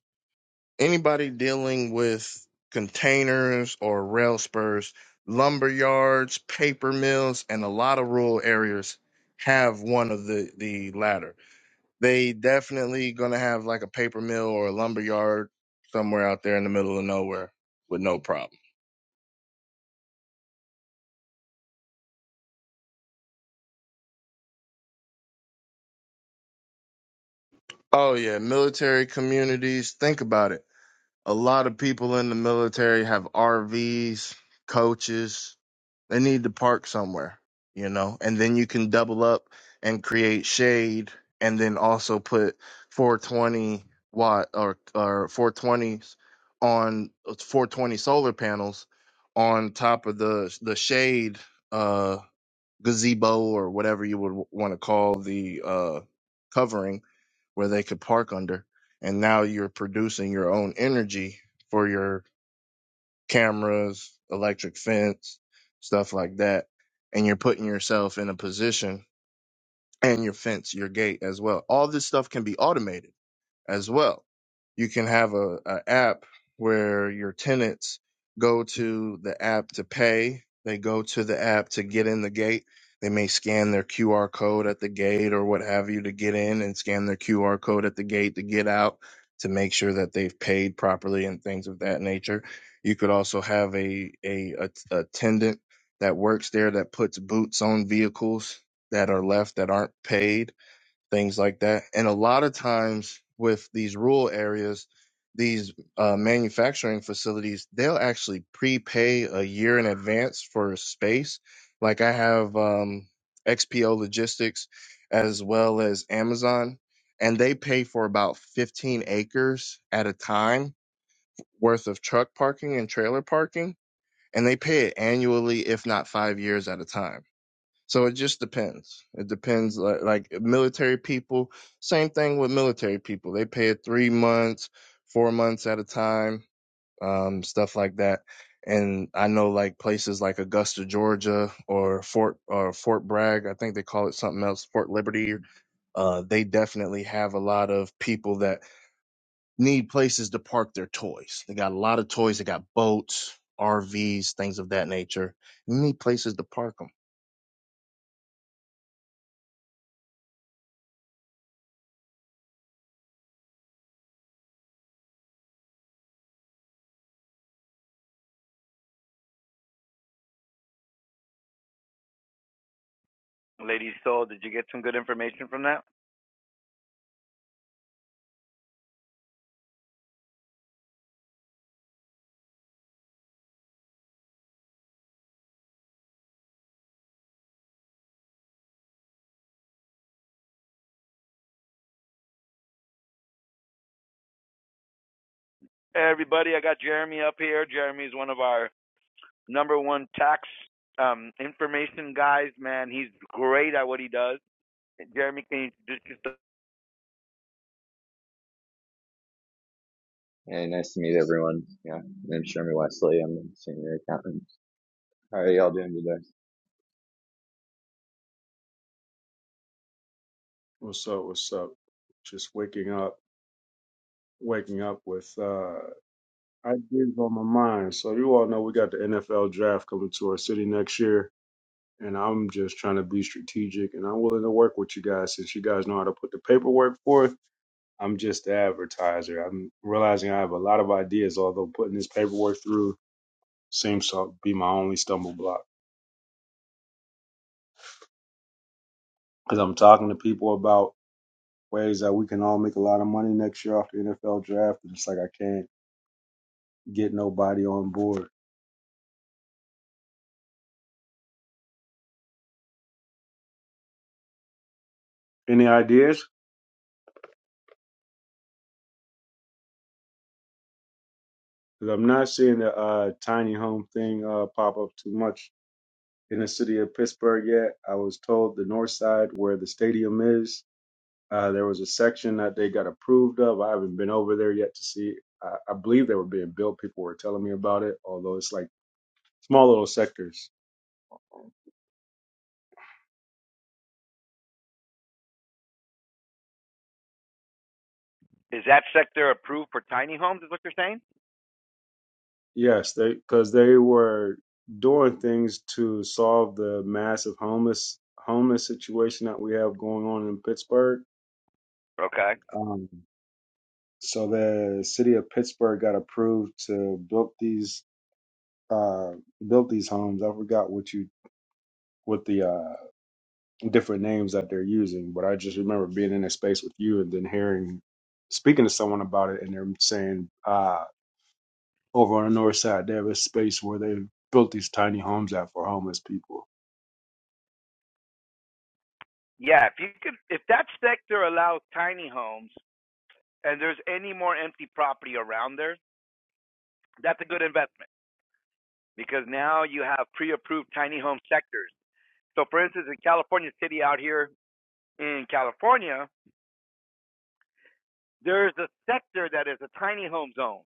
anybody dealing with containers or rail spurs, lumber yards, paper mills, and a lot of rural areas have one of the the latter. They definitely gonna have like a paper mill or a lumber yard somewhere out there in the middle of nowhere with no problem. Oh yeah, military communities. Think about it A lot of people in the military have RVs, coaches. They need to park somewhere, you know, and then you can double up and create shade and then also put 420 watt or, or 420s on 420 solar panels on top of the, the shade, uh, gazebo or whatever you would want to call the, uh, covering where they could park under. And now you're producing your own energy for your cameras, electric fence, stuff like that. And you're putting yourself in a position and your fence, your gate as well. All this stuff can be automated as well. You can have a, a app where your tenants go to the app to pay. They go to the app to get in the gate. They may scan their QR code at the gate or what have you to get in and scan their QR code at the gate to get out to make sure that they've paid properly and things of that nature. You could also have a, a, a a attendant that works there that puts boots on vehicles that are left that aren't paid things like that. And a lot of times with these rural areas, these uh, manufacturing facilities, they'll actually prepay a year in advance for space. Like I have um, XPO Logistics as well as Amazon, and they pay for about 15 acres at a time worth of truck parking and trailer parking. And they pay it annually, if not five years at a time so it just depends. It depends. Like, like military people, same thing with military people. They pay it three months, four months at a time, um, stuff like that. And I know like places like Augusta, Georgia, or Fort or Fort Bragg. I think they call it something else, Fort Liberty. Uh, they definitely have a lot of people that need places to park their toys. They got a lot of toys. They got boats, RVs, things of that nature. You need places to park 'em.
Lady Soul, did you get some good information from that? Hey, everybody, I got Jeremy up here. Jeremy is one of our number one tax um, information guys, man. He's great at what he does. Jeremy, can you just,
Hey, nice to meet everyone. Yeah, my name's Jeremy Wesley. I'm a senior accountant. How are y'all doing today?
What's up? What's up? Just waking up, waking up with uh ideas on my mind. So you all know we got the NFL draft coming to our city next year, and I'm just trying to be strategic, and I'm willing to work with you guys since you guys know how to put the paperwork forth. I'm just the advertiser. I'm realizing I have a lot of ideas, although putting this paperwork through seems to be my only stumble block because I'm talking to people about ways that we can all make a lot of money next year off the NFL draft, and it's like I can't get nobody on board. Any ideas? Because I'm not seeing the uh, tiny home thing uh, pop up too much in the city of Pittsburgh yet. I was told the north side where the stadium is, uh, there was a section that they got approved of. I haven't been over there yet to see. I, I believe they were being built. People were telling me about it, although it's like small little sectors.
is that sector approved for tiny homes? Is what you're saying?
Yes, they because they were doing things to solve the massive homeless homeless situation that we have going on in Pittsburgh.
Okay.
Um, So the city of Pittsburgh got approved to build these uh built these homes. I forgot what you what the uh different names that they're using, but I just remember being in a space with you and then hearing speaking to someone about it and they're saying uh over on the north side they have a space where they built these tiny homes out for homeless people.
Yeah, if you could, if that sector allows tiny homes, and there's any more empty property around there, that's a good investment because now you have pre-approved tiny home sectors. So, for instance, in California City out here in California, There's a sector that is a tiny home zone,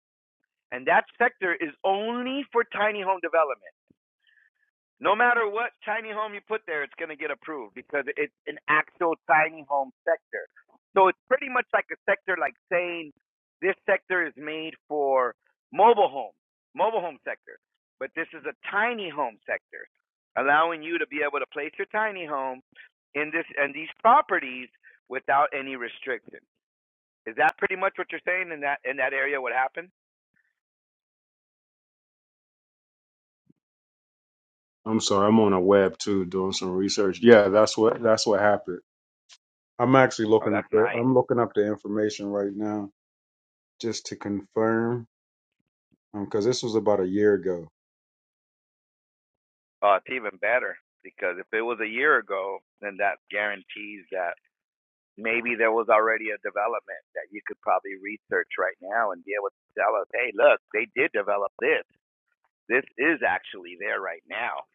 and that sector is only for tiny home development. No matter what tiny home you put there, it's going to get approved because it's an actual tiny home sector. So it's pretty much like a sector like saying this sector is made for mobile home, mobile home sector, but this is a tiny home sector, allowing you to be able to place your tiny home in this and these properties without any restriction. Is that pretty much what you're saying in that in that area? What happened?
I'm sorry, I'm on a web too doing some research. Yeah, that's what that's what happened. I'm actually
Oh,
looking up
that's
there.
nice.
I'm looking up the information right now just to confirm. because this was about a year ago.
Oh, it's even better because if it was a year ago, then that guarantees that maybe there was already a development that you could probably research right now and be able to tell us, hey, look, they did develop this. This is actually there right now.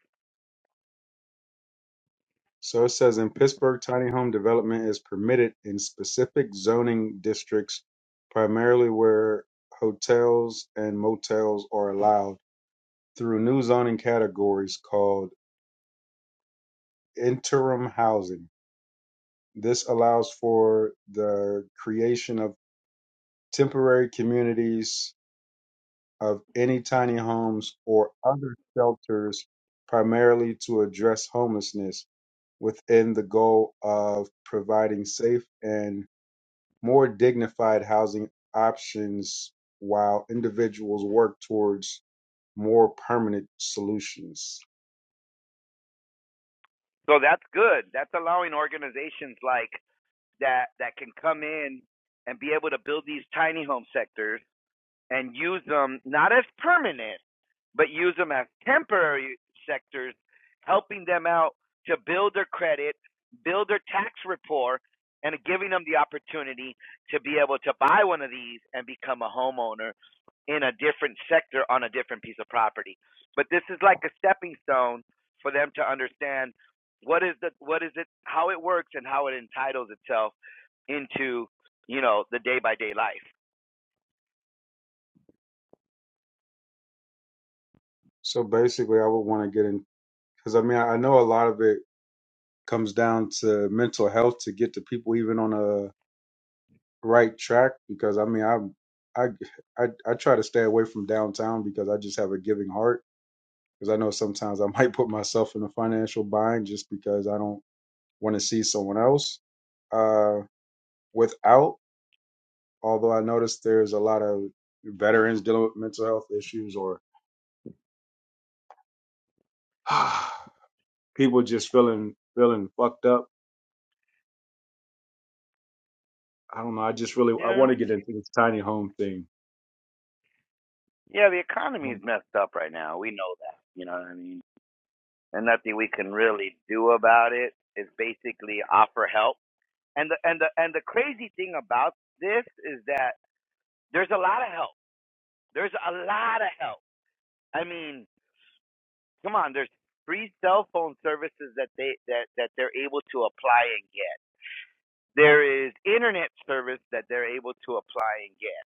So it says in Pittsburgh, tiny home development is permitted in specific zoning districts, primarily where hotels and motels are allowed through new zoning categories called interim housing. This allows for the creation of temporary communities of any tiny homes or other shelters, primarily to address homelessness within the goal of providing safe and more dignified housing options while individuals work towards more permanent solutions.
So that's good. That's allowing organizations like that that can come in and be able to build these tiny home sectors and use them not as permanent, but use them as temporary sectors, helping them out to build their credit, build their tax rapport, and giving them the opportunity to be able to buy one of these and become a homeowner in a different sector on a different piece of property. But this is like a stepping stone for them to understand what is the what is it how it works and how it entitles itself into, you know, the day by day life.
So basically, I would want to get in because I mean, I know a lot of it comes down to mental health to get the people even on a right track because I mean, I'm I, I I try to stay away from downtown because I just have a giving heart because I know sometimes I might put myself in a financial bind just because I don't want to see someone else uh, without. Although I noticed there's a lot of veterans dealing with mental health issues or people just feeling feeling fucked up. I don't know. I just really I
Yeah.
want to get into this tiny home thing.
Yeah, the economy is messed up right now. We know that. You know what I mean? And nothing we can really do about it is basically offer help. And the and the and the crazy thing about this is that there's a lot of help. There's a lot of help. I mean, come on, there's free cell phone services that they that that they're able to apply and get. There is internet service that they're able to apply and get.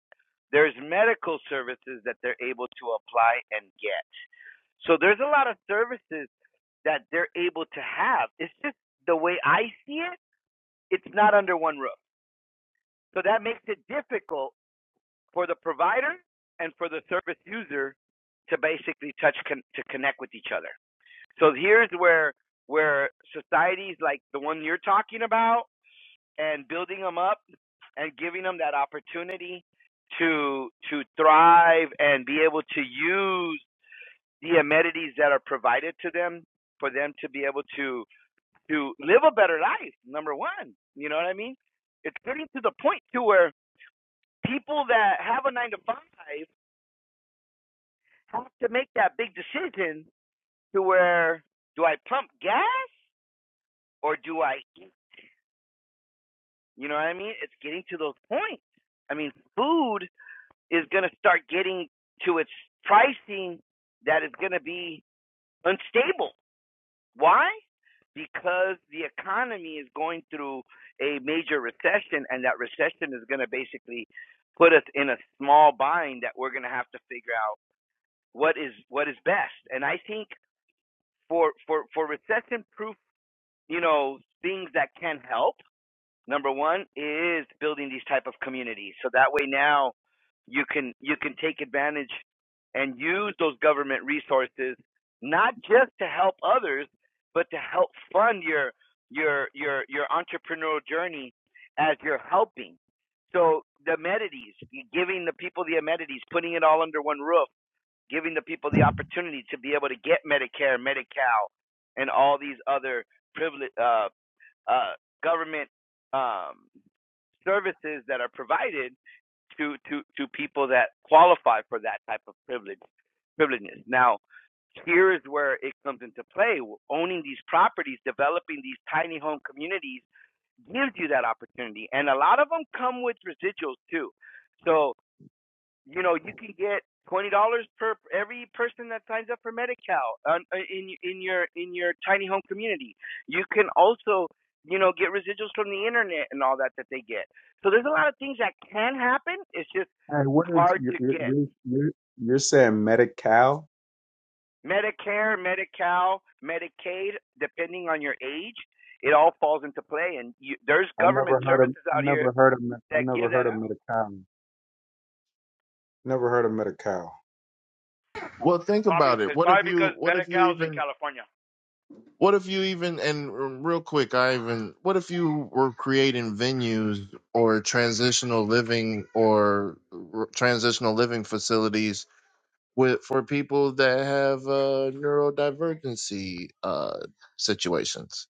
There's medical services that they're able to apply and get. So there's a lot of services that they're able to have. It's just the way I see it, it's not under one roof. So that makes it difficult for the provider and for the service user to basically touch con- to connect with each other. So here's where where societies like the one you're talking about and building them up and giving them that opportunity to to thrive and be able to use the amenities that are provided to them for them to be able to to live a better life. Number one, you know what I mean? It's getting to the point to where people that have a nine to five have to make that big decision to where do I pump gas or do I eat? You know what I mean? It's getting to those points. I mean, food is going to start getting to its pricing that is going to be unstable. Why? Because the economy is going through a major recession, and that recession is going to basically put us in a small bind that we're going to have to figure out what is what is best. And I think for for for recession proof, you know, things that can help number one is building these type of communities so that way now you can you can take advantage and use those government resources not just to help others but to help fund your your your your entrepreneurial journey as you're helping so the amenities you're giving the people the amenities putting it all under one roof giving the people the opportunity to be able to get Medicare, Medi-Cal, and all these other privilege, uh, uh, government um, services that are provided to, to, to people that qualify for that type of privilege, privileges. Now, here is where it comes into play. Owning these properties, developing these tiny home communities gives you that opportunity. And a lot of them come with residuals too. So you know you can get twenty dollars per every person that signs up for Medi-Cal um, uh, in in your in your tiny home community. You can also you know get residuals from the internet and all that that they get. So there's a lot of things that can happen. It's just
And what is
hard
you're
to
you're
get
you're, are saying Medi-Cal?
Medicare, Medi-Cal, Medicaid, depending on your age. It all falls into play, and you, there's
I
government
never heard of
services
I
out here
never heard of I
that
never
give that
heard of
out.
Medi-Cal. Never heard of Medi-Cal.
Well,
It's
think
probably
about it.
it's
What if
probably
you?
because
What if you
Medi-Cal's in
even?
California.
What if you even? And um, real quick, I even. What if you were creating venues or transitional living or r- transitional living facilities with for people that have uh, neurodivergency uh, situations.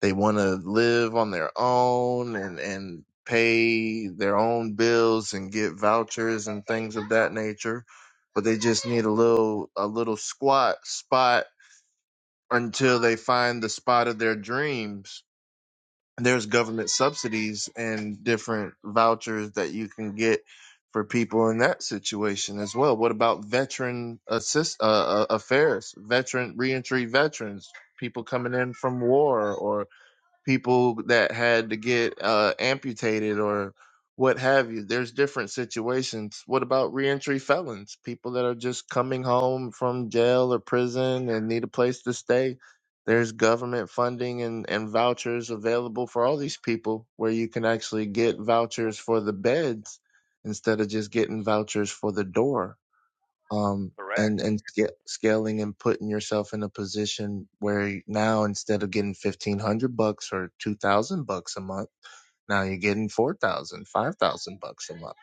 They want to live on their own and and pay their own bills and get vouchers and things of that nature, but they just need a little a little squat spot until they find the spot of their dreams there's government subsidies and different vouchers that you can get for people in that situation as well. What about veteran assist uh, uh, affairs, veteran reentry veterans, people coming in from war people that had to get uh, amputated or what have you. There's different situations. What about reentry felons? People that are just coming home from jail or prison and need a place to stay. There's government funding and, and vouchers available for all these people where you can actually get vouchers for the beds instead of just getting vouchers for the door um,
Correct.
and and sca- scaling and putting yourself in a position where you- now instead of getting fifteen hundred bucks or two thousand bucks a month, now you're getting four thousand, five thousand bucks a month.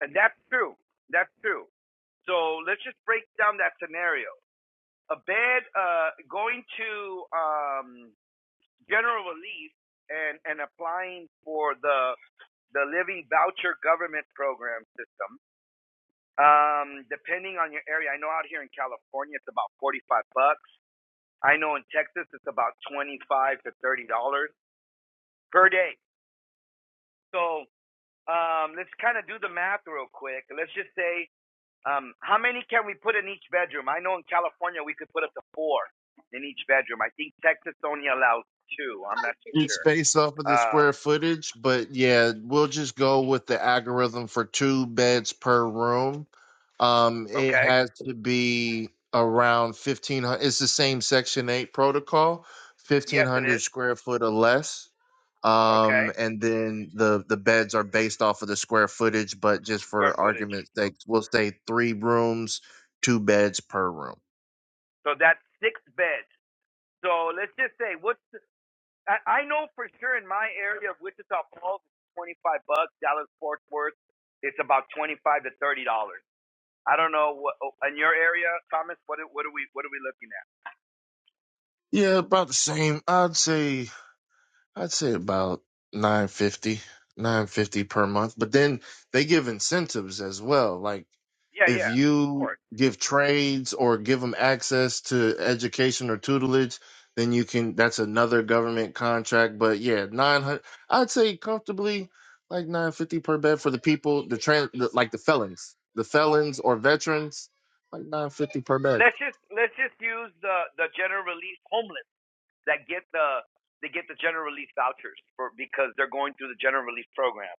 And that's true. That's true. So let's just break down that scenario. A bad uh, going to um, general relief and, and applying for the the living voucher government program system. Um, depending on your area, I know out here in California it's about forty five bucks. I know in Texas it's about twenty five to thirty dollars per day. So um, let's kind of do the math real quick. Let's just say Um, how many can we put in each bedroom? I know in California we could put up to four in each bedroom. I think Texas only allows two. I'm not too
It's
sure.
based off of the square
Um,
footage, but yeah, we'll just go with the algorithm for two beds per room. Um, it
okay.
has to be around fifteen hundred. It's the same Section Eight protocol, fifteen
Yes, it
hundred
is.
square foot or less.
Okay.
Um, and then the the beds are based off of the square footage, but just
Square
for
footage.
argument's sake, we'll say three rooms, two beds per room.
So that's six beds. So let's just say what's the, I, I know for sure in my area of Wichita Falls, it's 25 bucks. Dallas Fort Worth, it's about 25 to 30 dollars. I don't know what in your area, Thomas. What are- what are we what are we looking at?
Yeah, about the same. I'd say. I'd say about nine fifty, nine fifty per month. But then they give incentives as well. Like
Yeah,
if
yeah, of
you
course.
give trades or give them access to education or tutelage, then you can, that's another government contract. But yeah, 900, I'd say comfortably like 950 per bed for the people, the trans, the, like the felons, the felons or veterans, like 950 per bed.
let's just let's just use the the general release homeless that get the they get the general release vouchers for because they're going through the general release program.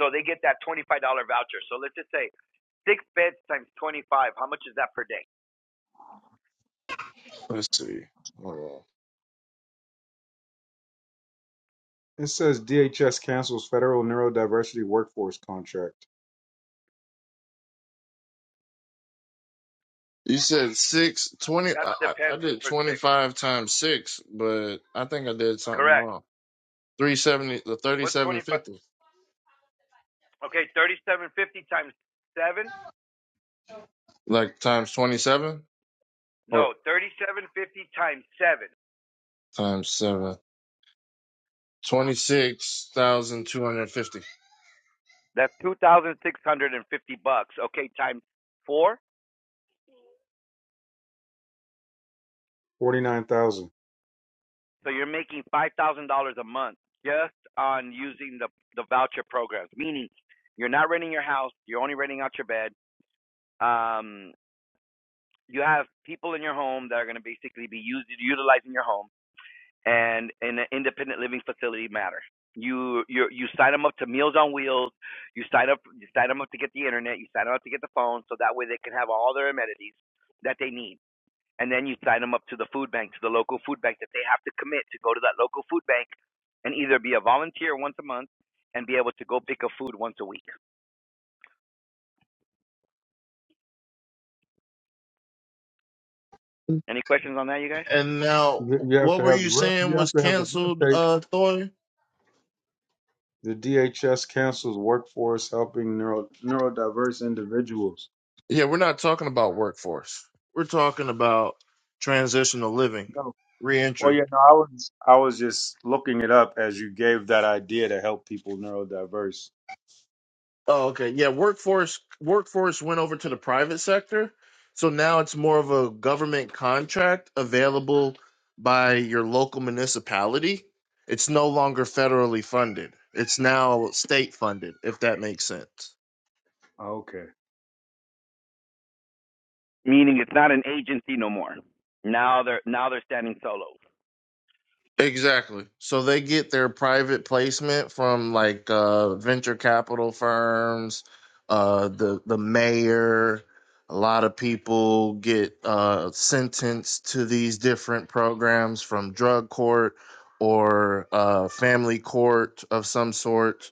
So they get that twenty five dollar voucher. So let's just say six beds times twenty five. How much is that per day?
Let's see. Hold on.
It says DHS cancels federal neurodiversity workforce contract.
You said six twenty.
That
I, I I
depends
did
per six.
25 times six, but I think I did something
Correct.
wrong. 370, the
What's twenty five?
3750,
Okay, thirty seven fifty times seven.
like times 27 or
No, thirty seven fifty times seven.
times seven. 26,250.
That's two thousand six hundred and fifty bucks. Okay, times four.
Forty nine thousand.
So you're making five thousand dollars a month just on using the the voucher programs. Meaning, you're not renting your house; you're only renting out your bed. Um, you have people in your home that are going to basically be used utilizing your home and in an independent living facility matter. You you you sign them up to Meals on Wheels. You sign up you sign them up to get the internet. You sign them up to get the phone, so that way they can have all their amenities that they need and then you sign them up to the food bank, to the local food bank that they have to commit to go to that local food bank and either be a volunteer once a month and be able to go pick up food once a week. Any questions on that, you guys?
And now,
You you have
what
to
were
have the
you
real-
saying
you have
was
to have the real
canceled,
estate.
uh, Thor?
The DHS cancels workforce helping neuro neurodiverse individuals.
Yeah, we're not talking about workforce. We're talking about transitional living,
No.
reentry.
Well, yeah, no, I was I was just looking it up as you gave that idea to help people neurodiverse.
Oh, okay. Yeah, workforce workforce went over to the private sector. So now it's more of a government contract available by your local municipality. It's no longer federally funded. It's now state funded, if that makes sense.
Oh, Okay.
Meaning it's not an agency no more. Now they're now they're standing solo.
Exactly. So they get their private placement from like uh, venture capital firms, uh, the the mayor. A lot of people get uh, sentenced to these different programs from drug court or uh, family court of some sort,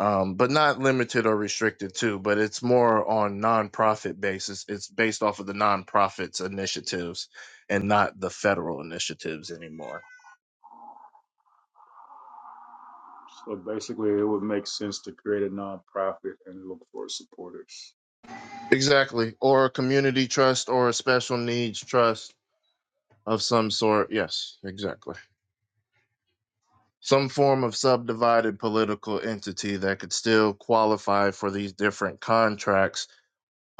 um, but not limited or restricted to. But it's more on nonprofit basis. It's based off of the nonprofits initiatives and not the federal initiatives anymore.
So basically, it would make sense to create a nonprofit and look for supporters.
Exactly. Or a community trust or a special needs trust of some sort. Yes, exactly. Some form of subdivided political entity that could still qualify for these different contracts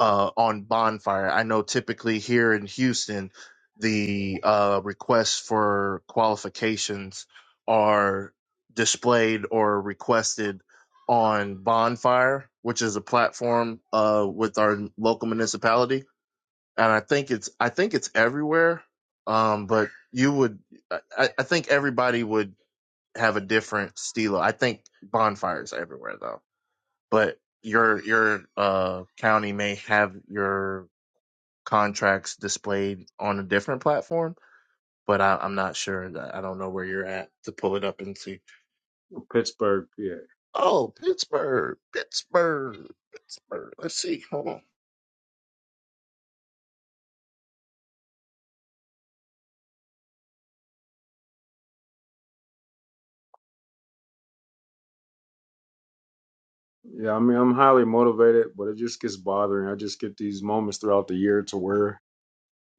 uh, on bonfire. I know typically here in Houston, the uh, requests for qualifications are displayed or requested on bonfire, which is a platform uh, with our local municipality and I think it's I think it's everywhere. Um, but you would I, I think everybody would have a different stilo. I think bonfires are everywhere though. But your your uh county may have your contracts displayed on a different platform, but I, I'm not sure that I don't know where you're at to pull it up and see.
Pittsburgh, PA.
Oh, Pittsburgh, Pittsburgh, Pittsburgh. Let's see. Hold on.
Yeah, I mean, I'm highly motivated, but it just gets bothering. I just get these moments throughout the year to where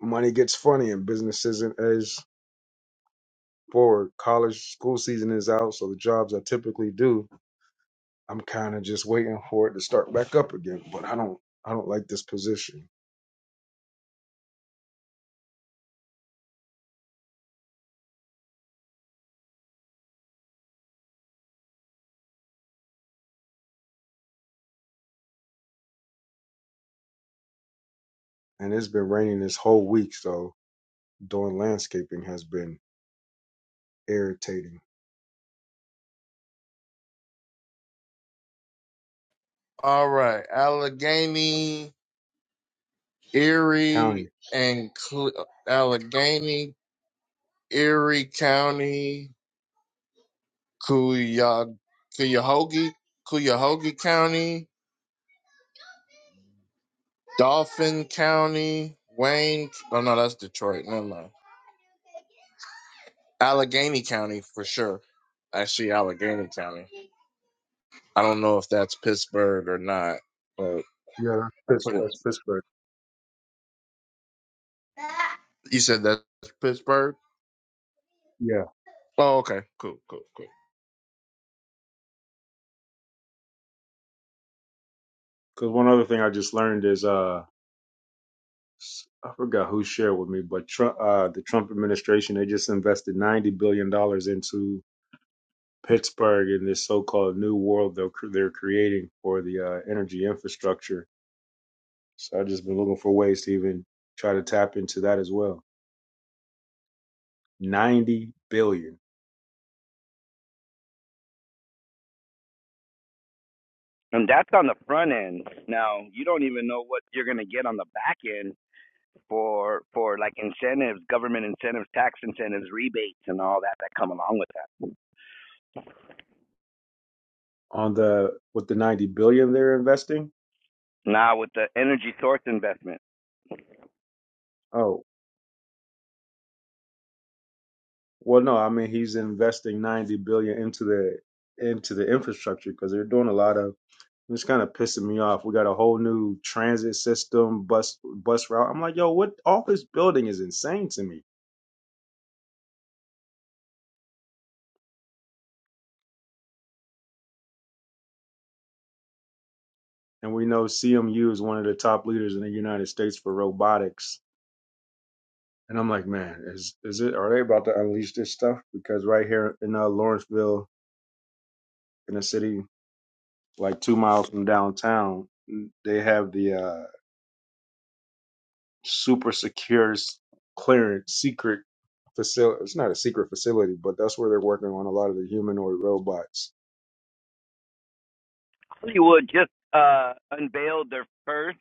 money gets funny and business isn't as forward. College school season is out, so the jobs I typically do, I'm kind of just waiting for it to start back up again. But I don't, I don't like this position, and it's been raining this whole week, so doing landscaping has been irritating.
All right, Allegheny
County,
Erie and Cle- Allegheny, Erie County, Cuya- Cuyahoga, Cuyahoga County, Dauphin County, Wayne. Oh no, that's Detroit. Never mind. Allegheny County for sure. Actually, Allegheny County. I don't know if that's Pittsburgh or not, but
yeah, that's,
I
Pitts-
put it.
that's Pittsburgh.
You said that's Pittsburgh.
Yeah,
Oh, okay. Cool, cool, cool.
because one other thing I just learned is uh. s- I forgot who shared with me, but Trump, uh, the Trump administration, they just invested $90 billion dollars into Pittsburgh and this so-called new world they're cr- they're creating for the uh, energy infrastructure. So I've just been looking for ways to even try to tap into that as well. Ninety billion
And that's on the front end. Now you don't even know what you're gonna get on the back end for for like incentives, government incentives, tax incentives, rebates and all that that come along with that.
on the with the ninety billion they're investing.
Now with the energy source investment.
Oh well, no, I mean he's investing ninety billion into the into the infrastructure because they're doing a lot of. It's kind of pissing me off. We got a whole new transit system, bus bus route. I'm like, yo, what? All this building is insane to me and we know CMU is one of the top leaders in the United States for robotics. And I'm like, man, is is it are they about to unleash this stuff? Because right here in uh, Lawrenceville, in a city like two miles from downtown, they have the uh, super secure clearance secret facility. It's not a secret facility, but that's where they're working on a lot of the humanoid robots.
Hollywood just uh, unveiled their first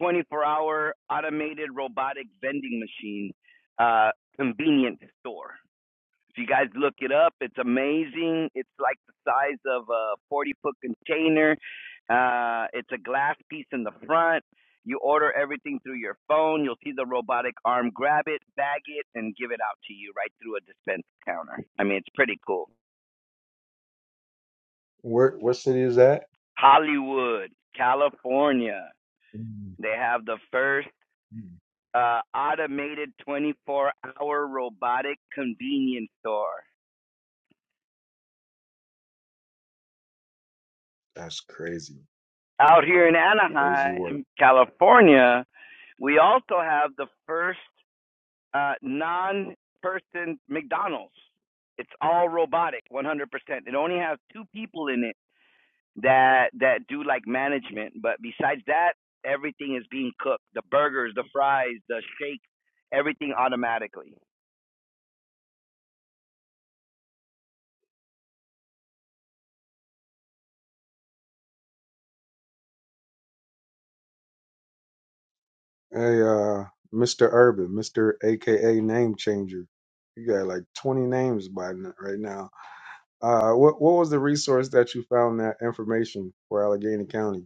24-hour automated robotic vending machine uh, convenience store. If you guys look it up, it's amazing. It's like the size of a 40-foot container. Uh, it's a glass piece in the front. You order everything through your phone. You'll see the robotic arm grab it, bag it, and give it out to you right through a dispense counter. I mean, it's pretty cool.
Where what city is that?
Hollywood, California.
Mm,
They have the first
mm.
uh, automated 24 hour robotic convenience store.
That's crazy,
Out here in
crazy work.
Anaheim, California, we also have the first uh, non person McDonald's. It's all robotic, 100%. It only has two people in it that that do like management, but besides that, everything is being cooked. The burgers, the fries, the shakes, everything automatically.
Hey, uh, Mr. Urban, Mr. AKA Name Changer. You got like 20 names by n- right now. Uh, what what was the resource that you found that information for Allegheny County?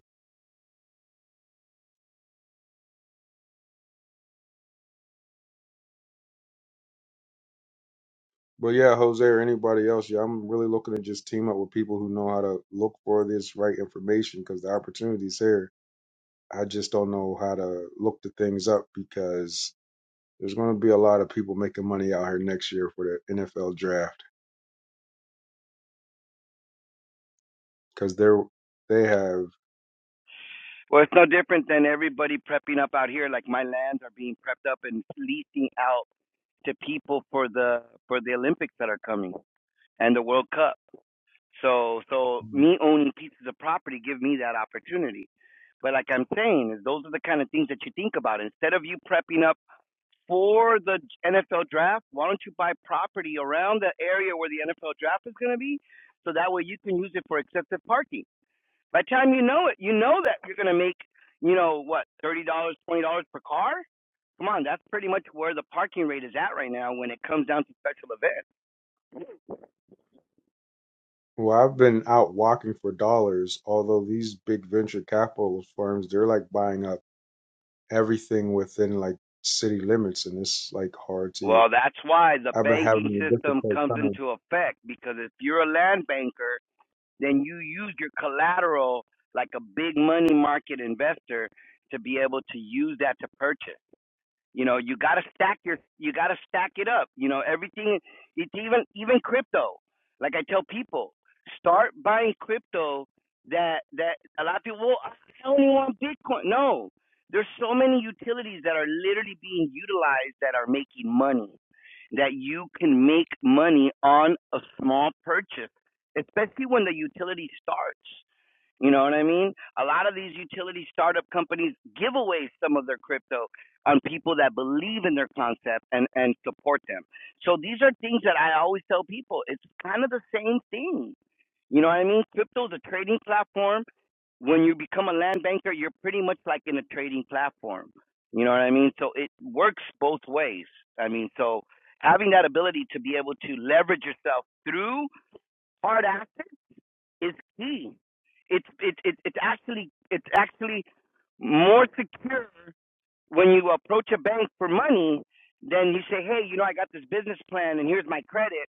But yeah, Jose or anybody else, yeah, I'm really looking to just team up with people who know how to look for this right information because the opportunity's here. I just don't know how to look the things up because there's going to be a lot of people making money out here next year for the NFL draft because they're they have
Well, it's no different than everybody prepping up out here. Like my lands are being prepped up and leasing out to people for the for the Olympics that are coming and the World Cup. So so me owning pieces of property give me that opportunity. But like I'm saying, is those are the kind of things that you think about. Instead of you prepping up for the NFL draft, why don't you buy property around the area where the NFL draft is going to be, so that way you can use it for excessive parking by the time you know it, you know that you're going to make, you know, what, $30, dollars, $20 per car? Come on, that's pretty much where the parking rate is at right now when it comes down to special events.
Well, I've been out walking for dollars, although these big venture capital firms, they're like buying up everything within like city limits, and it's like hard to.
Well, that's why the
I've been
banking
having a
system
difficult
comes
time.
into effect because if you're a land banker, then you use your collateral like a big money market investor to be able to use that to purchase. You know, you gotta stack your, you gotta stack it up. You know, everything. It's even even crypto. Like I tell people, start buying crypto. That that a lot of people. Well, I only want Bitcoin. No, there's so many utilities that are literally being utilized that are making money. That you can make money on a small purchase, especially when the utility starts. You know what I mean? A lot of these utility startup companies give away some of their crypto on people that believe in their concept and, and support them. So these are things that I always tell people. It's kind of the same thing. You know what I mean? Crypto is a trading platform. When you become a land banker, you're pretty much like in a trading platform. You know what I mean? So it works both ways. I mean, so having that ability to be able to leverage yourself through hard assets is key. It's it's it's it's actually it's actually more secure when you approach a bank for money than you say, hey, you know, I got this business plan and here's my credit,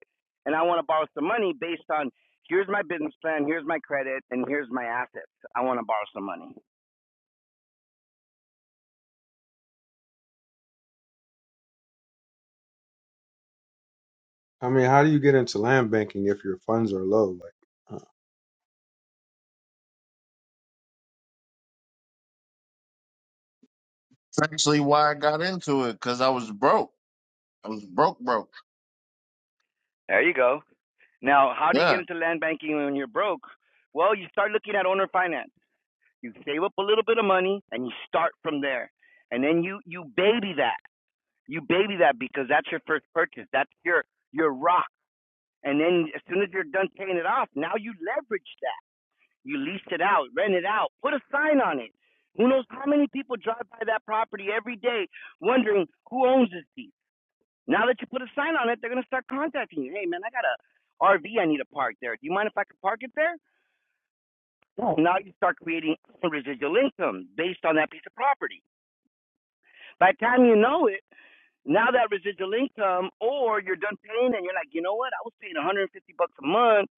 and I want to borrow some money based on here's my business plan, here's my credit, and here's my assets. I want to borrow some money.
I mean, how do you get into land banking if your funds are low? Like, uh,
That's actually why I got into it because I was broke. I was broke, broke.
There you go. Now, how do you
Yeah.
get into land banking when you're broke? Well, you start looking at owner finance. You save up a little bit of money and you start from there. And then you you baby that. You baby that because that's your first purchase. That's your your rock. And then as soon as you're done paying it off, now you leverage that. You lease it out, rent it out, put a sign on it. Who knows how many people drive by that property every day wondering who owns this piece. Now that you put a sign on it, they're gonna start contacting you. Hey man, I got a RV I need to park there. Do you mind if I can park it there? No. Now you start creating residual income based on that piece of property. By the time you know it Now that residual income, or you're done paying and you're like, you know what? I was paying 150 bucks a month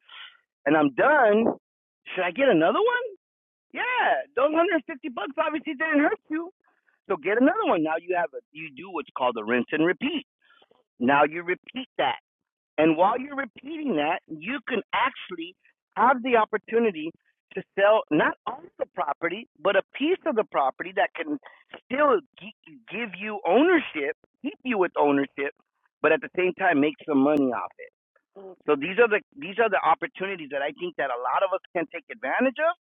and I'm done. Should I get another one? Yeah, those 150 bucks obviously didn't hurt you. So get another one. Now you have a, you do what's called a rinse and repeat. Now you repeat that. And while you're repeating that, you can actually have the opportunity to sell not all the property, but a piece of the property that can still give you ownership, keep you with ownership, but at the same time make some money off it. So these are the these are the opportunities that I think that a lot of us can take advantage of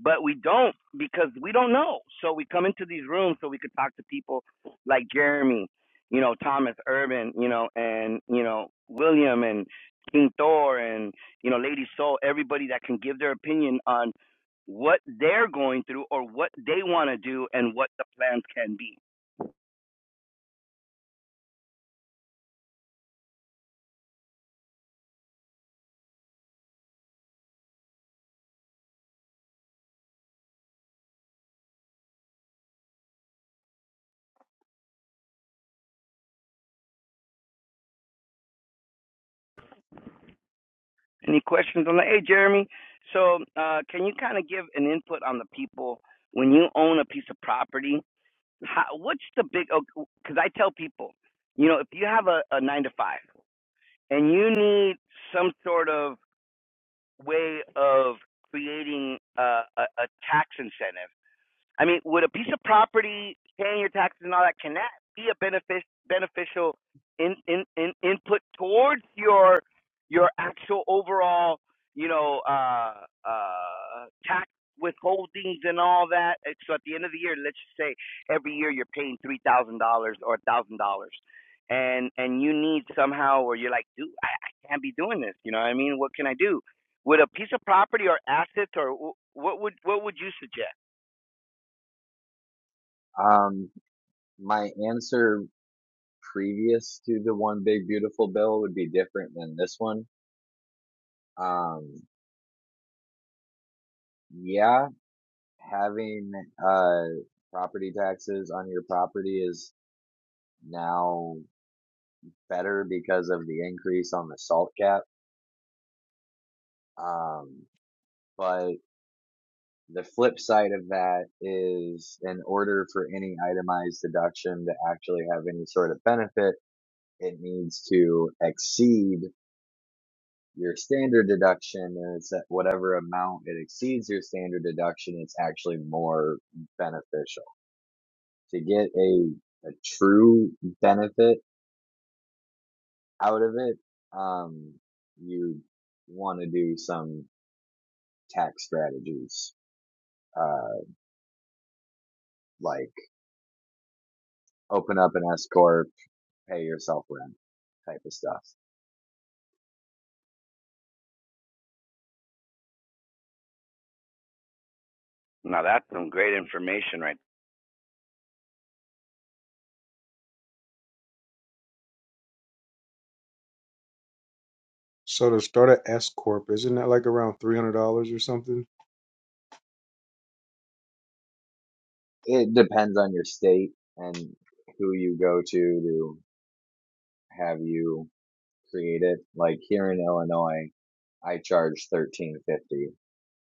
but we don't because we don't know. So we come into these rooms so we could talk to people like Jeremy, you know, Thomas Urban, you know, and you know William and King Thor and you know Lady Soul, everybody that can give their opinion on what they're going through or what they want to do and what the plans can be. Any questions on that? Hey, Jeremy. So, uh, can you kind of give an input on the people when you own a piece of property? how, what's the big because i tell people you know if you have a, a nine to five and you need some sort of way of creating a, a, a tax incentive I mean, would a piece of property, paying your taxes and all that, can that be a benefit beneficial in, in, in input towards your your actual overall, you know, uh, uh, tax withholdings and all that? And So at the end of the year, let's just say every year you're paying three thousand dollars or a thousand dollars, and and you need somehow, or you're like, dude, I, I can't be doing this. You know what I mean? What can I do? Would a piece of property or assets, or wh- what would what would you suggest?
Um, my answer previous to the one big beautiful bill would be different than this one. Um, yeah, having uh property taxes on your property is now better because of the increase on the salt cap. Um, but The flip side of that is in order for any itemized deduction to actually have any sort of benefit, it needs to exceed your standard deduction. And it's at whatever amount it exceeds your standard deduction, it's actually more beneficial. To get a, a true benefit out of it, um, you want to do some tax strategies, uh, like open up an S corp pay yourself rent type of stuff.
Now that's some great information, right?
so to start an S corp, isn't that like around three hundred dollars or something?
It depends on your state and who you go to to have you create it. Like here in Illinois, I charge thirteen fifty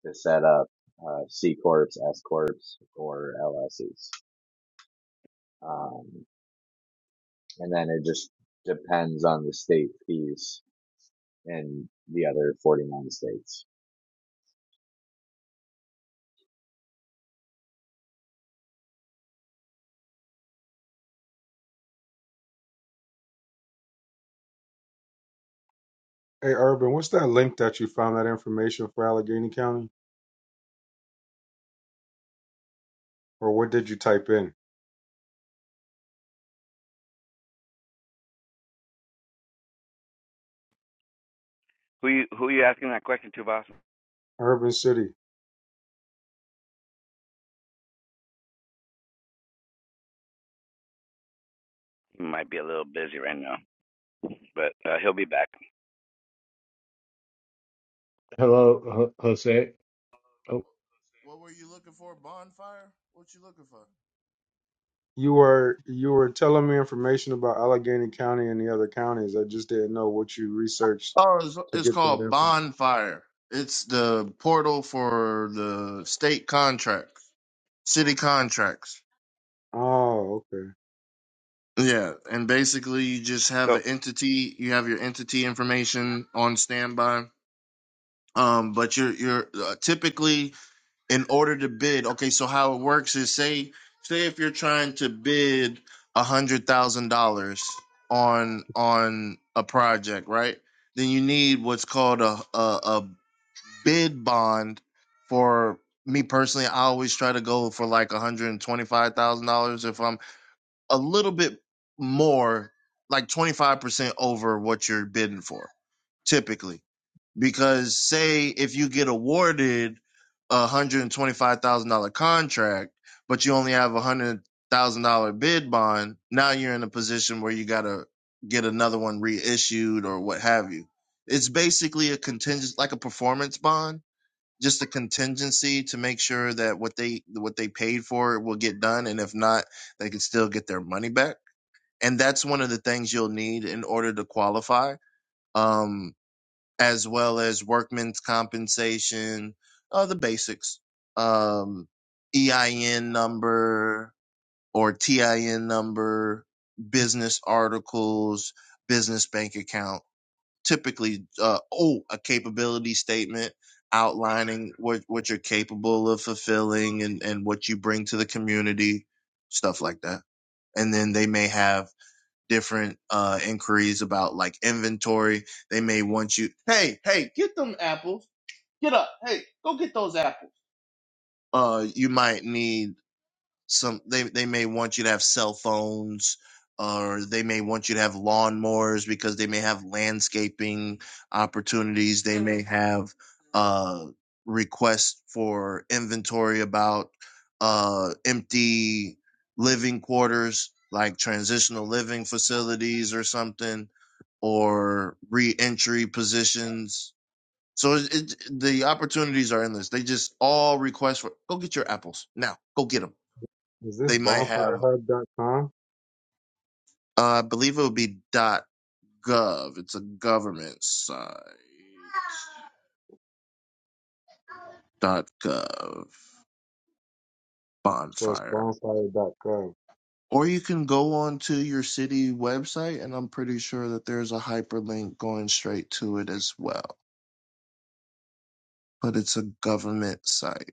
to set up uh, C corps, S corps, or LSEs, um, and then it just depends on the state fees in the other forty nine states.
Hey, Urban, what's that link that you found that information for Allegheny County, or what did you type in?
Who you who you asking that question to, boss?
Urban City.
He might be a little busy right now, but uh, he'll be back.
Hello, Ho- Jose. Oh,
What were you looking for? Bonfire? What you looking for?
You were you were telling me information about Allegheny County and the other counties. I just didn't know what you researched
Oh, it's,
to
it's
get that
called
info.
Bonfire. It's the portal for the state contracts, city contracts.
Oh, okay.
Yeah, and basically you just have
So,
an entity. You have your entity information on standby. Um, but you're you're uh, typically in order to bid okay so how it works is say say if you're trying to bid a hundred thousand dollars on on a project right then you need what's called a, a a bid bond for me personally i always try to go for like a hundred and twenty five thousand dollars if i'm a little bit more like 25% over what you're bidding for typically because say if you get awarded a one hundred and twenty five thousand dollar contract, but you only have a one hundred thousand dollar bid bond, now you're in a position where you gotta get another one reissued or what have you. It's basically a contingent like a performance bond, just a contingency to make sure that what they what they paid for will get done and if not, they can still get their money back. And that's one of the things you'll need in order to qualify. Um as well as workman's compensation, uh, the basics, um, EIN number or TIN number, business articles, business bank account, typically, uh, oh, a capability statement outlining what, what you're capable of fulfilling and, and what you bring to the community, stuff like that. And then they may have different uh inquiries about like inventory. They may want you, hey, hey, get them apples. Get up. Hey, go get those apples. Uh you might need some they they may want you to have cell phones or they may want you to have lawnmowers because they may have landscaping opportunities. They may have uh requests for inventory about uh empty living quarters like transitional living facilities or something or re-entry positions. So it, it, the opportunities are endless. They just all request for go get your apples now. Go get them.
Is this
They might have,
bonfirehub.com?
uh, I believe it would be .gov. It's a government site. .gov
So it's
bonfire.
bonfire.com.
Or you can go onto your city website, and I'm pretty sure that there's a hyperlink going straight to it as well. But it's a government site.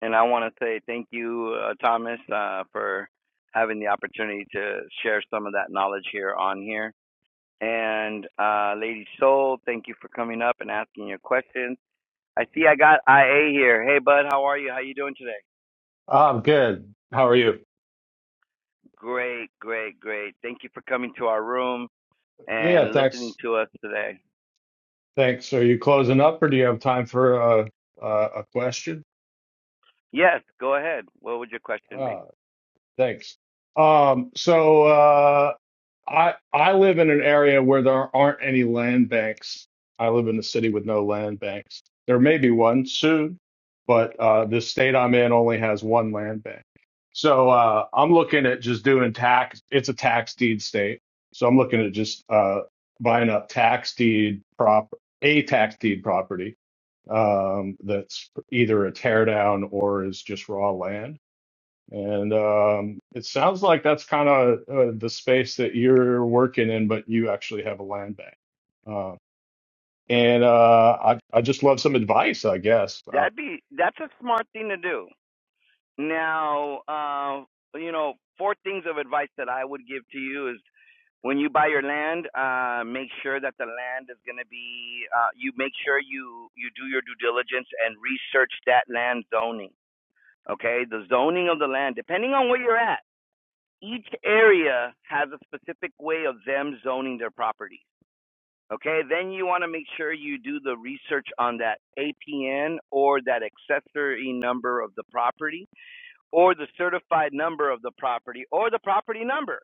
and I want to say thank you, uh, Thomas, uh, for having the opportunity to share some of that knowledge here on here. And uh, Lady Soul, thank you for coming up and asking your questions. I see I got IA here. Hey, bud, how are you? How you doing today?
I'm good. How are you?
Great, great, great. Thank you for coming to our room
Yeah,
and listening
thanks.
to us today.
Thanks. Are you closing up, or do you have time for a a, a question?
Yes, go ahead. What would your question be?
Uh, thanks. Um, so. uh, I I live in an area where there aren't any land banks. I live in a city with no land banks. There may be one soon, but uh, the state I'm in only has one land bank. So uh, I'm looking at just doing tax. It's a tax deed state, so I'm looking at just uh, buying up tax deed prop a tax deed property um, that's either a tear down or is just raw land and um, it sounds like that's kind of uh, the space that you're working in, but you actually have a land bank. Uh, and uh, I, I just love some advice, I guess, about
That'd be that's a smart thing to do. Now, uh, you know, four things of advice that I would give to you is when you buy your land, uh, make sure that the land is going to be. Uh, you make sure you you do your due diligence and research that land zoning. Okay, the zoning of the land, depending on where you're at, each area has a specific way of them zoning their property. Okay, then you want to make sure you do the research on that APN or that accessory number of the property or the certified number of the property or the property number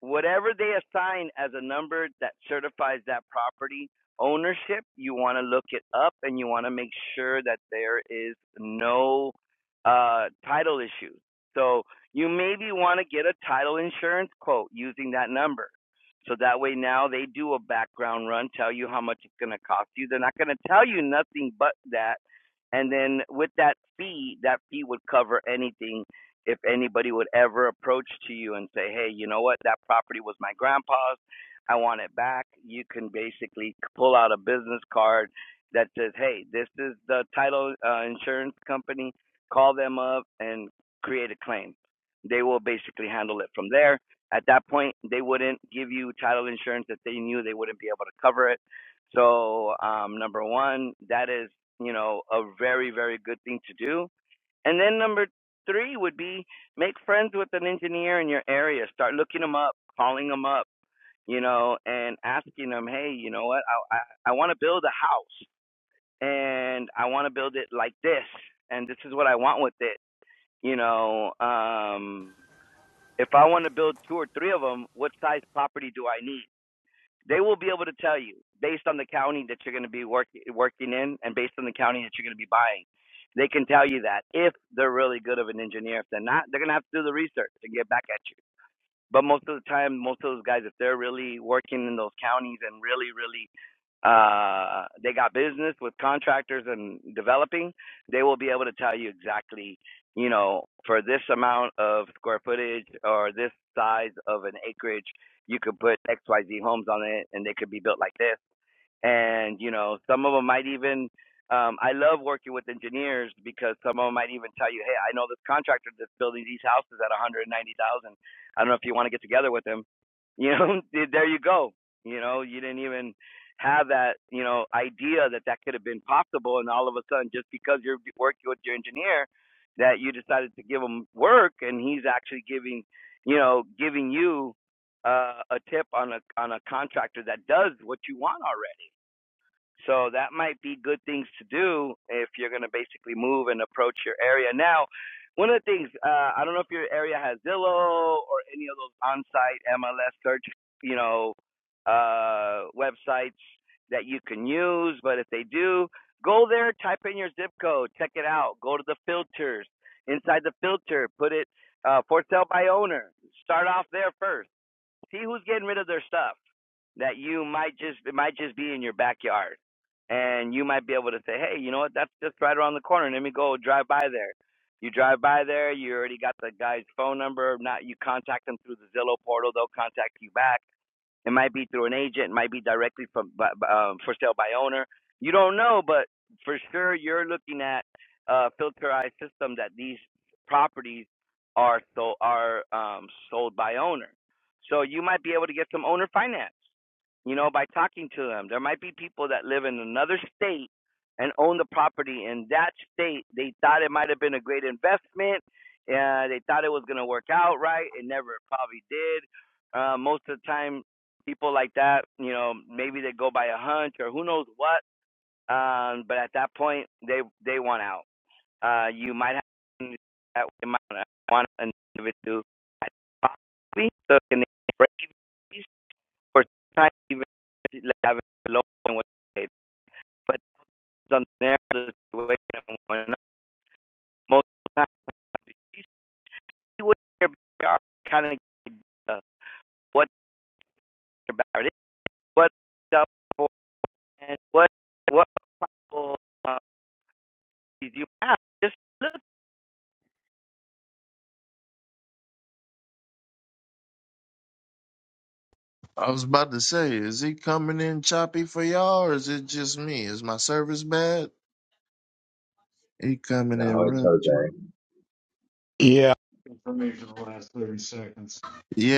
whatever they assign as a number that certifies that property ownership, you want to look it up and you want to make sure that there is no uh, title issues. So you maybe want to get a title insurance quote using that number. So that way now they do a background run, tell you how much it's going to cost you. They're not going to tell you nothing but that. And then with that fee, that fee would cover anything if anybody would ever approach to you and say, "Hey, you know what? That property was my grandpa's. I want it back." You can basically pull out a business card that says, "Hey, this is the title uh, insurance company. Call them up and create a claim." They will basically handle it from there. At that point, they wouldn't give you title insurance if they knew they wouldn't be able to cover it. So, um, number one, that is, you know, a very, very good thing to do. And then number Three would be make friends with an engineer in your area. Start looking them up, calling them up, you know, and asking them, hey, you know what? I I, I want to build a house, and I want to build it like this, and this is what I want with it, you know. Um, if I want to build two or three of them, what size property do I need? They will be able to tell you based on the county that you're going to be working working in and based on the county that you're going to be buying. They can tell you that if they're really good of an engineer. If they're not, they're going to have to do the research and get back at you but most of the time, most of those guys, if they're really working in those counties and really, really, uh, they got business with contractors and developing, they will be able to tell you exactly, you know, for this amount of square footage or this size of an acreage, you could put X, Y, Z homes on it, and they could be built like this and you know some of them might even um, i love working with engineers because some of them might even tell you hey i know this contractor that's building these houses at 190000 i don't know if you want to get together with him you know there you go you know you didn't even have that you know idea that that could have been possible and all of a sudden just because you're working with your engineer that you decided to give him work and he's actually giving you know giving you uh, a tip on a on a contractor that does what you want already so that might be good things to do if you're going to basically move and approach your area. Now, one of the things, uh, I don't know if your area has Zillow or any of those on site MLS search, you know, uh, websites that you can use, but if they do, go there, type in your zip code, check it out, go to the filters. Inside the filter, put it uh, for sale by owner. Start off there first. See who's getting rid of their stuff that you might just it might just be in your backyard and you might be able to say hey you know what that's just right around the corner let me go drive by there you drive by there you already got the guy's phone number if not you contact them through the zillow portal they'll contact you back it might be through an agent. It might be directly from um, for sale by owner. You don't know, but for sure you're looking at a filterized system that these properties are so are um, sold by owner. So you might be able to get some owner finance. You know, by talking to them, there might be people that live in another state and own the property in that state. They thought it might have been a great investment. Uh, they thought it was going to work out right. It never probably did uh, most of the time people like that, you know, maybe they go by a hunch or who knows what. Um, but at that point, they they want out. Uh, you might have that you might want an individual possibly so they break these or sometimes even like have it low and what they but on the situation and whatnot, most of the time you see what their backyard kind of uh, what their backyard is, what stuff for and what what possible Uh, you have just look
I was about to say, is he coming in choppy for y'all, or is it just me? Is my service bad? He coming in
No, it's
rough. chop-
Jose.
Yeah. information in the last 30 seconds,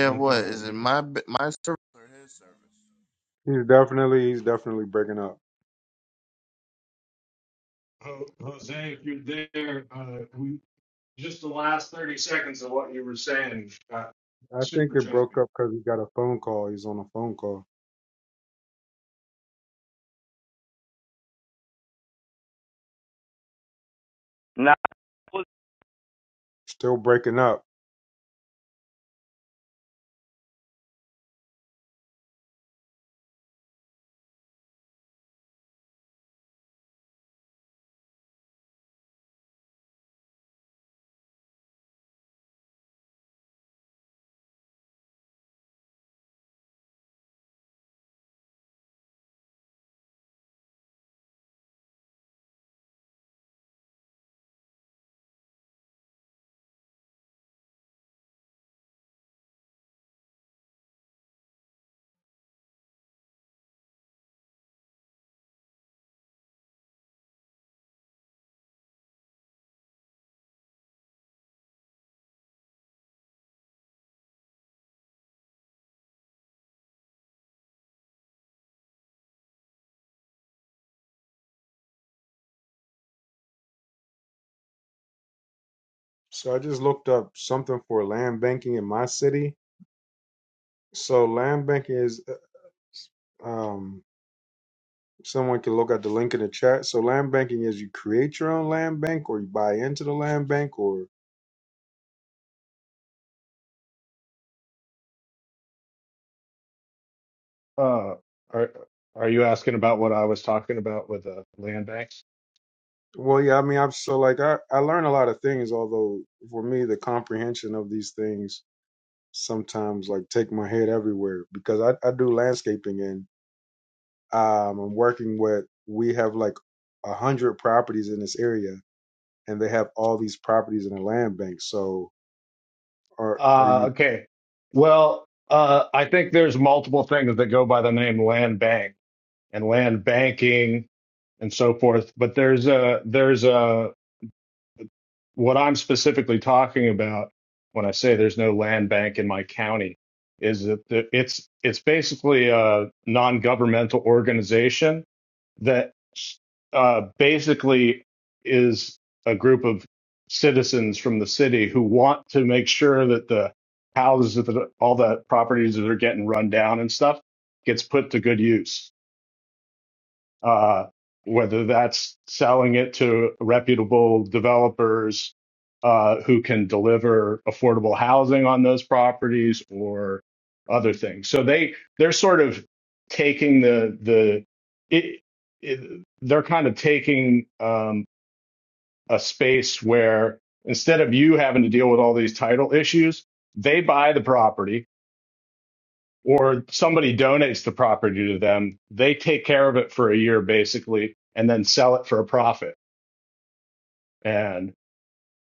but I
what
thought it
is
was
it?
me.
My b- my service or his service?
He's definitely he's definitely breaking up.
Ho- Jose, if you're there, uh, we, just the last 30 seconds of what you were saying got
I think
super
it
choppy.
broke up because he got a phone call. He's on a phone call.
Nah,
Still breaking up. So I just looked up something for land banking in my city. So land banking is uh, um Someone can look at the link in the chat. So land banking is you create your own land bank or you buy into the land bank or
Uh, are, are you asking about what I was talking about with the land bank?
well yeah, I mean I'm so like I, I learn a lot of things, although for me the comprehension of these things sometimes like take my head everywhere because I, I do landscaping and um I'm working with we have like a hundred properties in this area and they have all these properties in the land bank. So are are
Uh,
you
okay. Well, uh, I think there's multiple things that go by the name land bank and land banking and so forth. But there's a there's a what I'm specifically talking about when I say there's no land bank in my county is that the- it's it's basically a non-governmental organization that uh, basically is a group of citizens from the city who want to make sure that the houses that the, all the properties that are getting run down and stuff gets put to good use uh, whether that's selling it to reputable developers uh, who can deliver affordable housing on those properties or other things. So they they're sort of taking the the it, it, they're kind of taking um, a space where instead of you having to deal with all these title issues, they buy the property or somebody donates the property to them. They take care of it for a year basically, and then sell it for a profit. And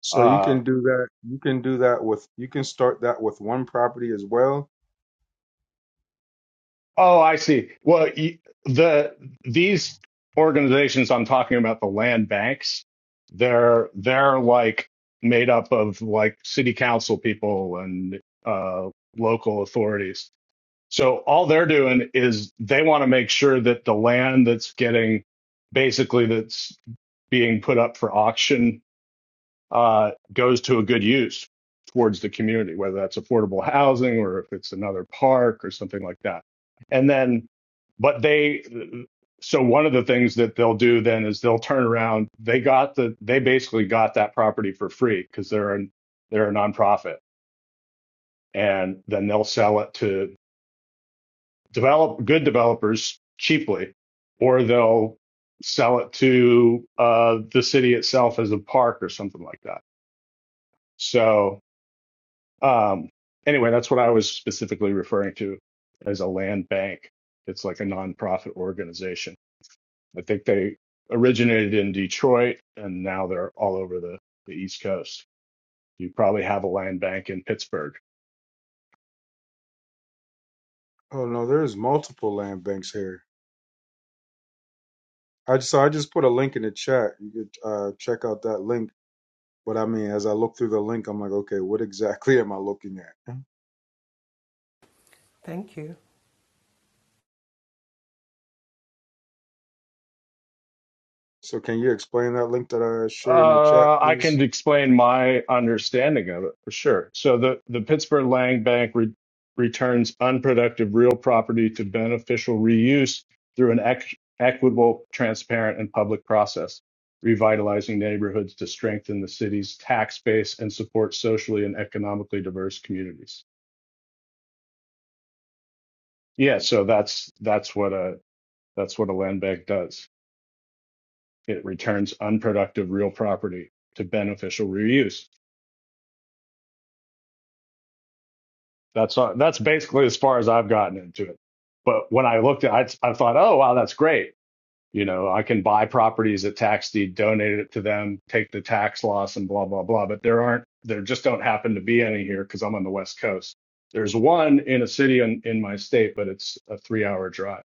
so you
uh,
can do that you can do that with you can start that with one property as well
oh, I see. Well, the these organizations I'm talking about, the land banks, they're they're like made up of like city council people and uh, local authorities. So all they're doing is they want to make sure that the land that's getting basically that's being put up for auction uh, goes to a good use towards the community, whether that's affordable housing or if it's another park or something like that. And then, but they, so one of the things that they'll do then is they'll turn around. They got the, they basically got that property for free because they're a, they're a nonprofit, and then they'll sell it to develop good developers cheaply, or they'll sell it to uh, the city itself as a park or something like that. So Um, anyway, that's what I was specifically referring to as a land bank. It's like a nonprofit organization. I think they originated in Detroit and now they're all over the, the East Coast. You probably have a land bank in Pittsburgh.
Oh no, there's multiple land banks here. I just, so I just put a link in the chat. You could uh, check out that link. But I mean, as I look through the link, I'm like, okay, what exactly am I looking at?
Thank you.
So can you explain that link that I shared in the chat,
Uh, I
please?
can explain my understanding of it for sure. So the, the Pittsburgh Land Bank re- returns unproductive real property to beneficial reuse through an ec- equitable, transparent, and public process, revitalizing neighborhoods to strengthen the city's tax base and support socially and economically diverse communities. Yeah, so that's that's what a that's what a land bank does. It returns unproductive real property to beneficial reuse That's uh, that's basically as far as I've gotten into it. But when I looked at, it, I, I thought, oh wow, that's great. You know, I can buy properties at tax deed, donate it to them, take the tax loss, and blah blah blah. But there aren't, there just don't happen to be any here because I'm on the West Coast. There's one in a city in, in my state, but it's a three-hour drive.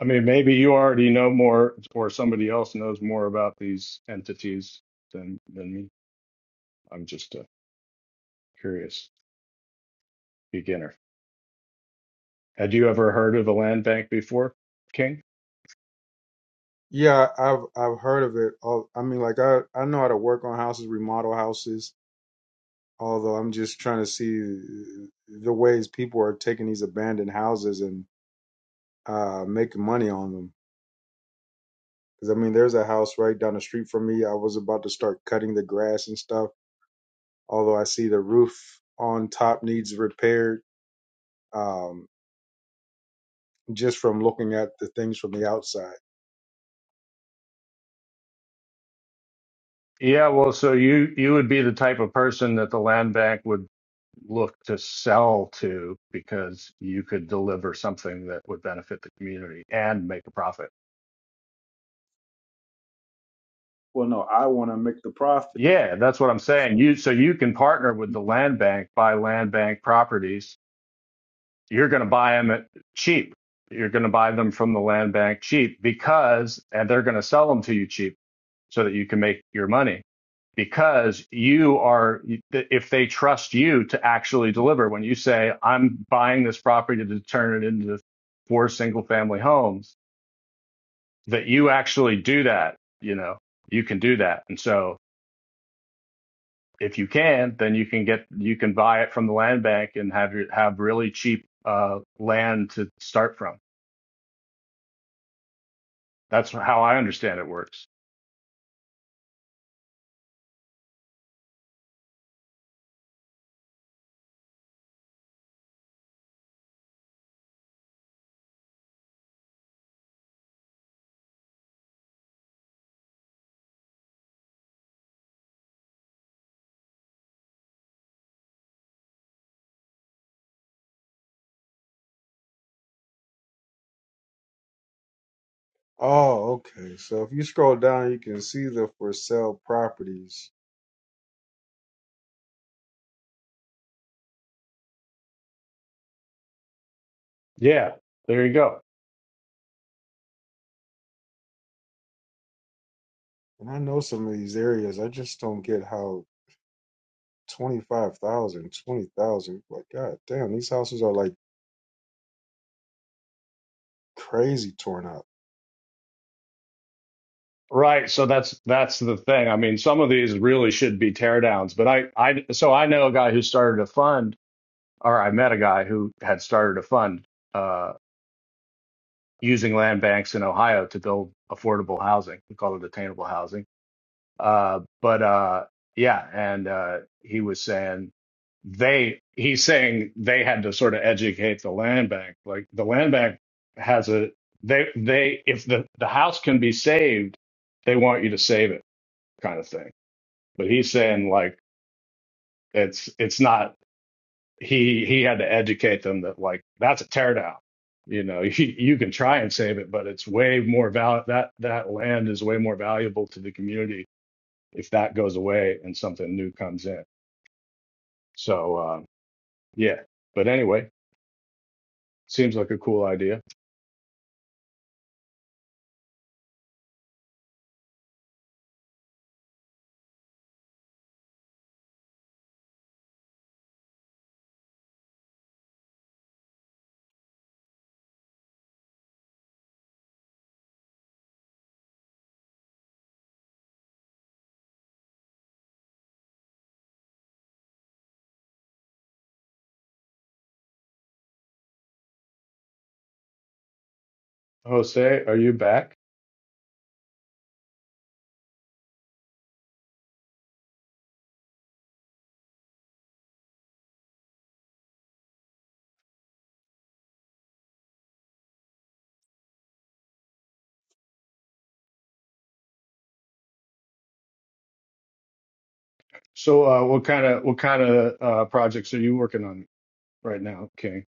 I mean, maybe you already know more, or somebody else knows more about these entities than than me. I'm just a curious beginner. Had you ever heard of the land bank before, King?
Yeah, I've I've heard of it. Oh, I mean, like I I know how to work on houses, remodel houses. Although I'm just trying to see the ways people are taking these abandoned houses and uh, making money on them. Because I mean, there's a house right down the street from me. I was about to start cutting the grass and stuff, although I see the roof on top needs repaired um, just from looking at the things from the outside.
Yeah, well, so you you would be the type of person that the land bank would look to sell to because you could deliver something that would benefit the community and make a profit.
Well, no, I want to make the profit.
Yeah, that's what I'm saying. You so you can partner with the land bank, buy land bank properties. You're going to buy them at cheap. You're going to buy them from the land bank cheap because and they're going to sell them to you cheap so that you can make your money. because you are if they trust you to actually deliver when you say i'm buying this property to turn it into four single family homes that you actually do that you know you can do that and so if you can then you can get you can buy it from the land bank and have your have really cheap uh, land to start from that's how i understand it works
Oh, okay. So if you scroll down, you can see the for sale properties.
yeah there you go
And I know some of these areas, I just don't get how 25,000, 20,000. like, God damn, these houses are like crazy torn up.
Right. So that's that's the thing. I mean, some of these really should be teardowns, but I I so I know a guy who started a fund, or I met a guy who had started a fund uh, using land banks in Ohio to build affordable housing. We call it attainable housing. Uh, but uh, yeah, and uh, he was saying they he's saying they had to sort of educate the land bank. Like the land bank has a they they if the the house can be saved, they want you to save it kind of thing but he's saying like it's it's not he he had to educate them that like that's a teardown. You know, you, you can try and save it, but it's way more val that that land is way more valuable to the community if that goes away and something new comes in. So um, yeah, but anyway, seems like a cool idea. Jose, are you back? So uh, what kind of what kind of uh, projects are you working on right now, King?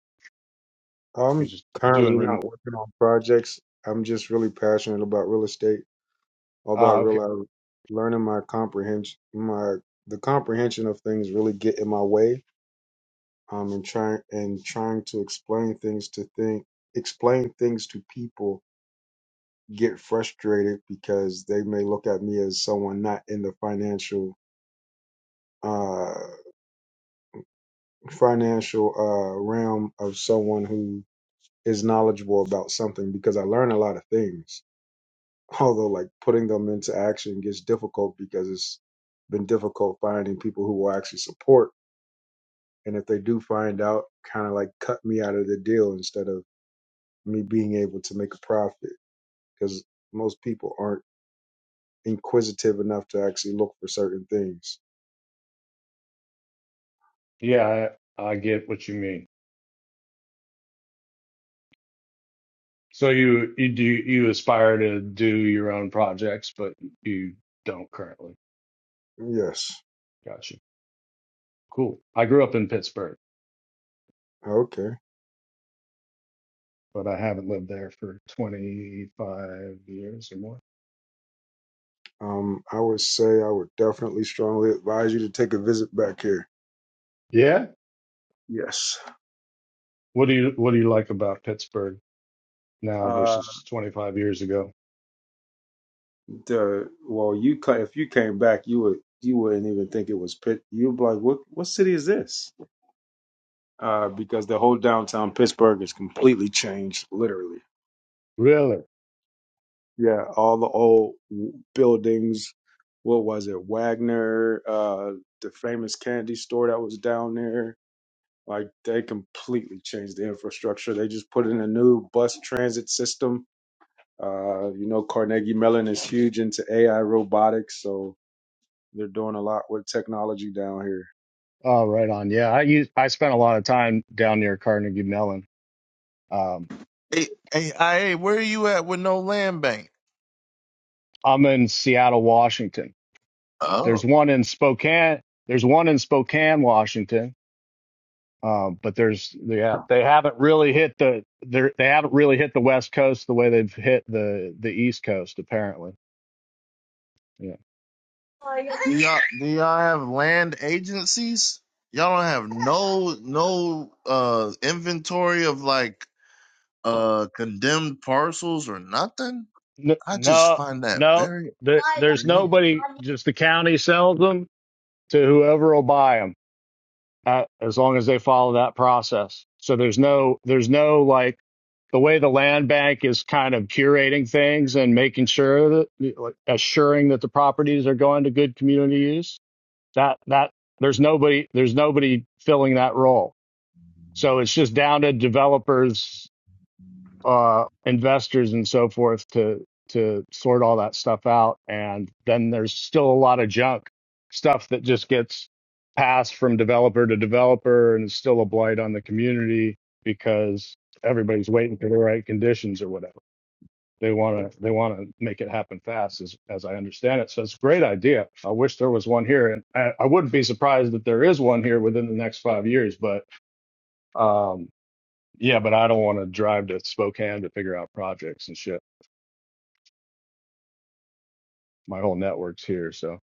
You're
I'm
just
currently
doing
not
rem-
working on projects. I'm just really passionate about real estate. Although I
ah okay
realize learning my comprehension, my the comprehension of things really get in my way. Um, and trying and trying to explain things to think, explain things to people get frustrated because they may look at me as someone not in the financial uh financial uh realm of someone who is knowledgeable about something because I learn a lot of things although like putting them into action gets difficult because it's been difficult finding people who will actually support and if they do find out kind of like cut me out of the deal instead of me being able to make a profit because most people aren't inquisitive enough to actually look for certain things
yeah I, I get what you mean. So you you do you aspire to do your own projects, but you don't currently.
yes
Gotcha. Cool. I grew up in Pittsburgh,
okay
but I haven't lived there for 25 years or more.
um i would say i would definitely strongly advise you to take a visit back here
Yeah.
yes
What do you what do you like about Pittsburgh now
Uh.
versus 25 years ago?
the well, you ca- if you came back, you would you wouldn't even think it was Pitt. You'd be like, what what city is this? Uh, because the whole downtown Pittsburgh is completely changed, literally.
Really?
Yeah, all the old w- buildings. What was it, Wagner? Uh, the famous candy store that was down there. Like they completely changed the infrastructure. They just put in a new bus transit system. Uh, you know, Carnegie Mellon is huge into AI robotics, so They're doing a lot with technology down here.
Oh, right on. Yeah, I used, I spent a lot of time down near Carnegie Mellon. Um,
Hey, hey, I- hey, where are you at with no land bank?
I'm in Seattle, Washington. There's
Oh.
one in Spokane. There's one in Spokane, Washington. Um, but there's yeah, they haven't really hit the they they haven't really hit the West Coast the way they've hit the the East Coast apparently. Yeah.
Do y'all do y'all have land agencies? Y'all don't have no no uh inventory of like uh condemned parcels or nothing.
N-
I just
No,
find that
no,
very
there, there's
unique.
nobody. Just the county sells them to whoever will buy them, uh, as long as they follow that process. So there's no there's no like the way the land bank is kind of curating things and making sure that like, assuring that the properties are going to good community use that that there's nobody there's nobody filling that role so it's just down to developers uh investors and so forth to to sort all that stuff out and then there's still a lot of junk stuff that just gets passed from developer to developer and it's still a blight on the community because everybody's waiting for the right conditions or whatever they want to they want to make it happen fast, as as I understand it. So it's a great idea. I wish there was one here, and I, I wouldn't be surprised that there is one here within the next five years. But um, yeah, but I don't want to drive to Spokane to figure out projects and shit. My whole network's here, so.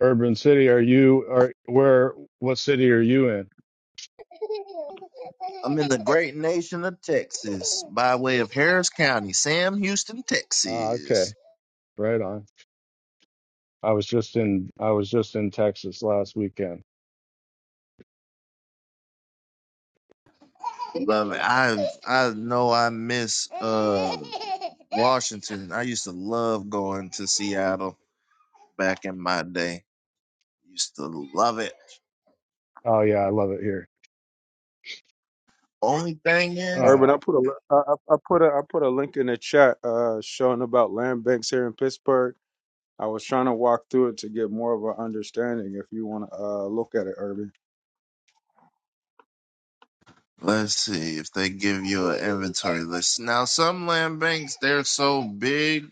Urban City, are you are where? What city are you in?
I'm in the great nation of Texas by way of Harris County, Sam Houston,
Uh,
Texas.
okay, right on. I was just in I was just in Texas last weekend.
Love it. I I know I miss uh Washington. I used to love going to Seattle back in my day. Used to love it.
Oh yeah, I love it here.
Only thing is,
Urban,
Uh,
I put a li- I, I I put a I put a link in the chat uh, showing about land banks here in Pittsburgh. I was trying to walk through it to get more of an understanding. If you want to uh, look at it, Urban.
let's see if they give you an inventory list. Now some land banks they're so big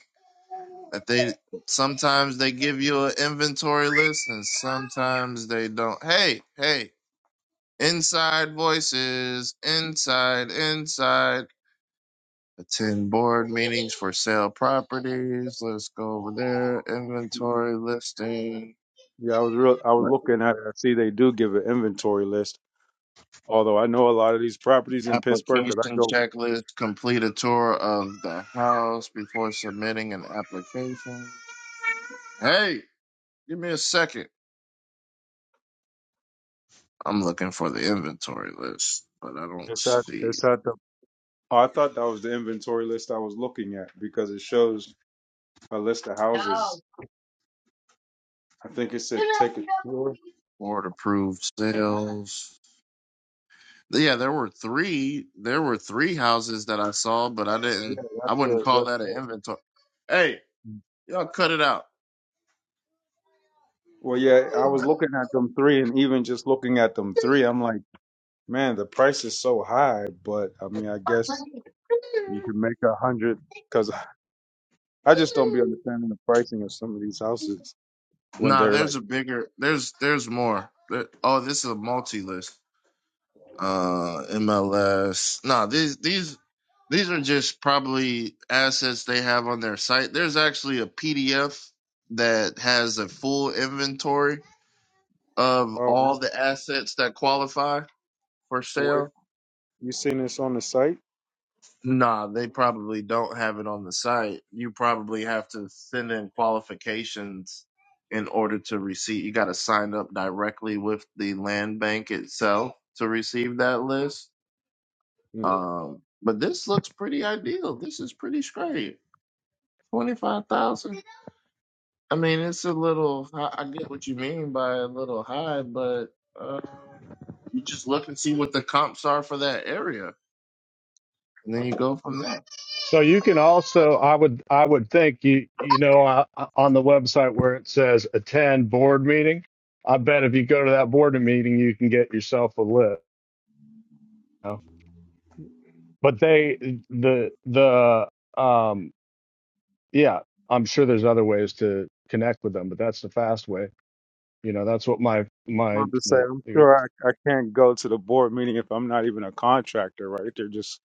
If they sometimes they give you an inventory list and sometimes they don't. Hey, hey, inside voices, inside, inside. Attend board meetings for sale properties. Let's go over there. Inventory listing,
Yeah, I was real. I was
Right.
looking at it. I see they do give an inventory list. Although I know a lot of these properties in Pittsburgh because I
application
go.
checklist. Complete a tour of the house before submitting an application. Hey, give me a second. I'm looking for the inventory list, but I don't
It's at
see
it's at the. Oh, I thought that was the inventory list I was looking at because it shows a list of houses. I think it said take a tour.
Board approved sales. Yeah, there were three. There were three houses that I saw, but I
Yeah,
didn't. I
that's
wouldn't
the
call
that's
that an
the
inventory. Hey, y'all, cut it out.
Well, yeah, I was
Sorry.
looking at them three, and even just looking at them three, I'm like, man, the price is so high. But I mean, I guess you can make a hundred because I just don't be understanding the pricing of some of these houses when
Nah,
they're like,
there's a bigger. There's there's more. There, oh, this is a multi list. Uh, MLS. Nah, these these these are just probably assets they have on their site. There's actually a PDF that has a full inventory of
oh,
all
on,
the assets that qualify for sale
wait, you seen this on the site?
Nah, they probably don't have it on the site. You probably have to send in qualifications in order to receive. You got to sign up directly with the land bank itself to receive that list.
Hmm.
Um, but this looks pretty ideal. This is pretty straight. Twenty-five thousand. I mean, it's a little. I I get what you mean by a little high, but uh, you just look and see what the comps are for that area, and then you go from there.
So you can also, I would, I would think you, you know, uh, on the website where it says attend board meeting, I bet if you go to that board meeting, you can get yourself a list. you know? But they, the, the, um, yeah, I'm sure there's other ways to connect with them, but that's the fast way. You know, that's what my, my,
Not to say,
the,
I'm sure I, I can't go to the board meeting if I'm not even a contractor, right? They're just,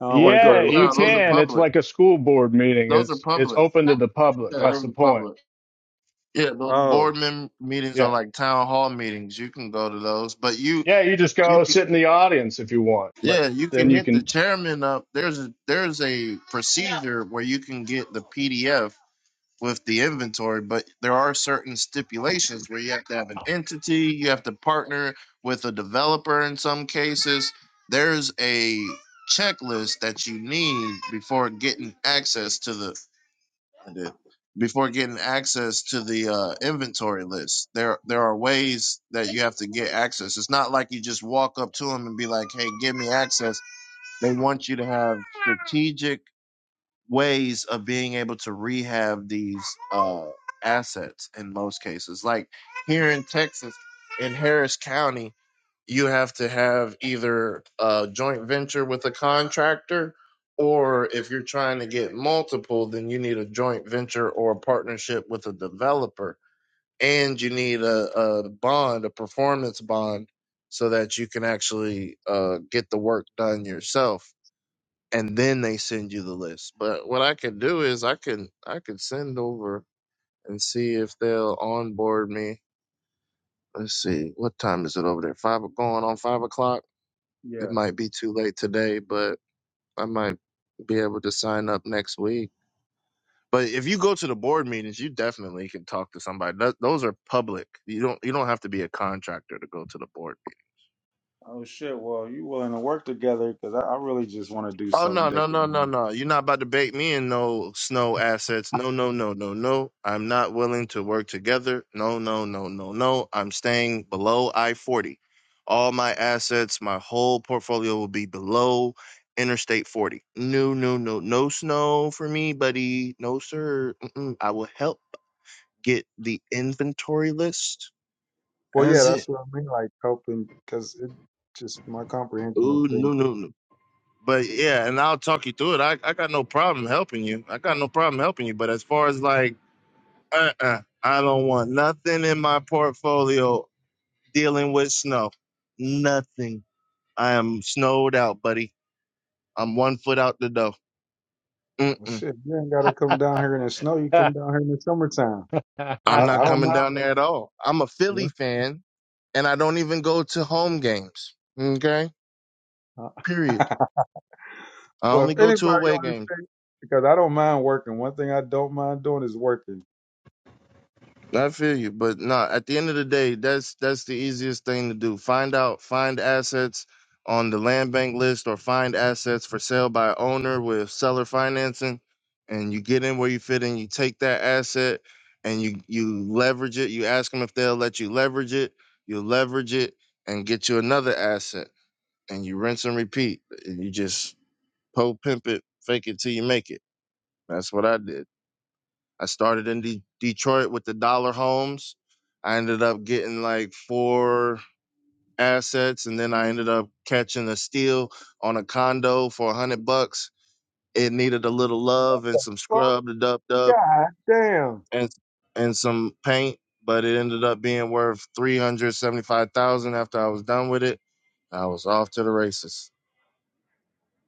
I don't want to go there
yeah,
looking
you
No, those are
stupid.
can. It's
public.
like a school board meeting.
Those are
It's, it's
public.
open to the
Yeah,
public.
those
That's
are
the point.
public. Yeah, those
Oh,
board mem- meetings are
Yeah.
like town hall meetings. You can go to those, but you
Yeah, you just
you
go
can
sit in the audience if you want, but
yeah you
then
can
you
hit the
can.
chairman up. There's a, there's a procedure where you can get the PDF with the inventory, but there are certain stipulations where you have to have an entity, you have to partner with a developer in some cases. There's a checklist that you need before getting access to the recommended before getting access to the uh, inventory list. There there are ways that you have to get access. It's not like you just walk up to them and be like, "Hey, give me access." They want you to have strategic ways of being able to rehab these uh, assets in most cases. Like here in Texas, in Harris County, you have to have either a joint venture with a contractor or if you're trying to get multiple then you need a joint venture or a partnership with a developer and you need a, a bond a performance bond so that you can actually uh, get the work done yourself and then they send you the list but what i can do is i can i can send over and see if they'll onboard me let's see what time is it over there Five going on five o'clock it
yeah.
might be too late today, but I might be able to sign up next week. But if you go to the board meetings, you definitely can talk to somebody. Th- those are public. You don't you don't have to be a contractor to go to the board
Oh, shit. Well, you willing to work together because I, I really just want to do
Oh
something
no, no, no, no,
different.
no. You're not about to bait me in no snow assets. No, no, no, no, no. I'm not willing to work together. No, no, no, no, no. I'm staying below I-40. All my assets, my whole portfolio will be below Interstate 40. No, no, no, no snow for me, buddy. No, sir. Mm-mm. I will help get the inventory list.
Well, yeah,
As
that's
it.
what I mean, like helping, because it just my comprehension of
Oh
things.
no, no, no. but yeah, and I'll talk you through it. I, I got no problem helping you. I got no problem helping you. But as far as like, uh, uh I don't want nothing in my portfolio dealing with snow. Nothing. I am snowed out, buddy. I'm one foot out the door.
Well,
Mm-mm.
shit, you ain't got to come down here in the snow. You come down here in the summertime. I,
I'm
I
not
don't
coming
mind.
down there at all. I'm a
you
Philly fan, and I don't even go to home games. Okay,
know.
period. I
well, if
only go to
anybody
away
on this
games.
thing, because I don't mind working. One thing I don't mind doing is working.
I feel you, but no. At the end of the day, that's that's the easiest thing to do. Find out, find assets on the land bank list, or find assets for sale by owner with seller financing, and you get in where you fit in. You take that asset and you you leverage it. You ask them if they'll let you leverage it. You leverage it and get you another asset, and you rinse and repeat. And you just po pimp it, fake it till you make it. That's what I did. I started in De- Detroit with the dollar homes. I ended up getting like four assets, and then I ended up catching a steal on a condo for a hundred bucks. It needed a little love and some
Well,
scrub, to dub dub,
god damn.
and and some paint, but it ended up being worth three hundred seventy five thousand after I was done with it. I was off to the races.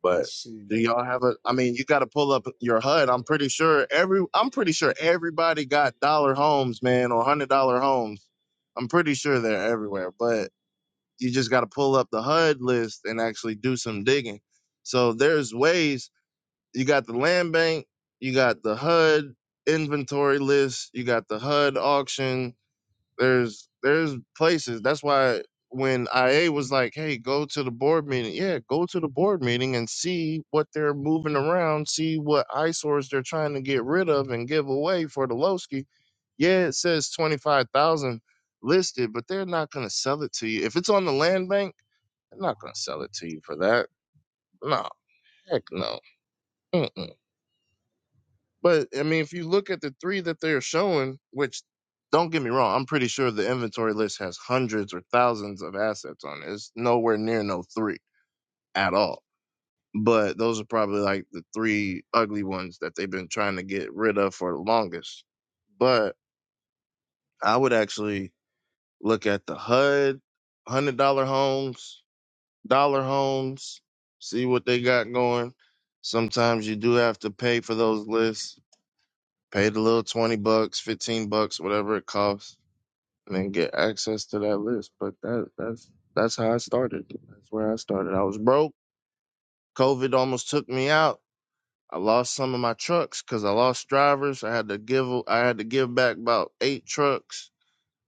But
Let's see.
do y'all have a? I mean, you got to pull up your HUD. I'm pretty sure every. I'm pretty sure everybody got dollar homes, man, or hundred dollar homes. I'm pretty sure they're everywhere, but you just got to pull up the HUD list and actually do some digging. So there's ways. You got the land bank. You got the HUD inventory list. You got the HUD auction there's there's places. That's why when IA was like, "Hey, go to the board meeting." Yeah, go to the board meeting and see what they're moving around, see what eyesores they're trying to get rid of and give away for the Lowski. Yeah, it says 25,000 listed, but they're not going to sell it to you. If it's on the land bank, they're not going to sell it to you for that. No, heck no. Mm-mm. But I mean, if you look at the three that they're showing, which don't get me wrong, I'm pretty sure the inventory list has hundreds or thousands of assets on it. It's nowhere near no three at all. But those are probably like the three ugly ones that they've been trying to get rid of for the longest. But I would actually look at the HUD, hundred dollar homes, dollar homes, see what they got going. Sometimes you do have to pay for those lists Pay the little 20 bucks, 15 bucks, whatever it costs, and then get access to that list. But that that's that's how I started. That's where I started. I was broke. COVID almost took me out. I lost some of my trucks because I lost drivers. I had to give I had to give back about eight trucks.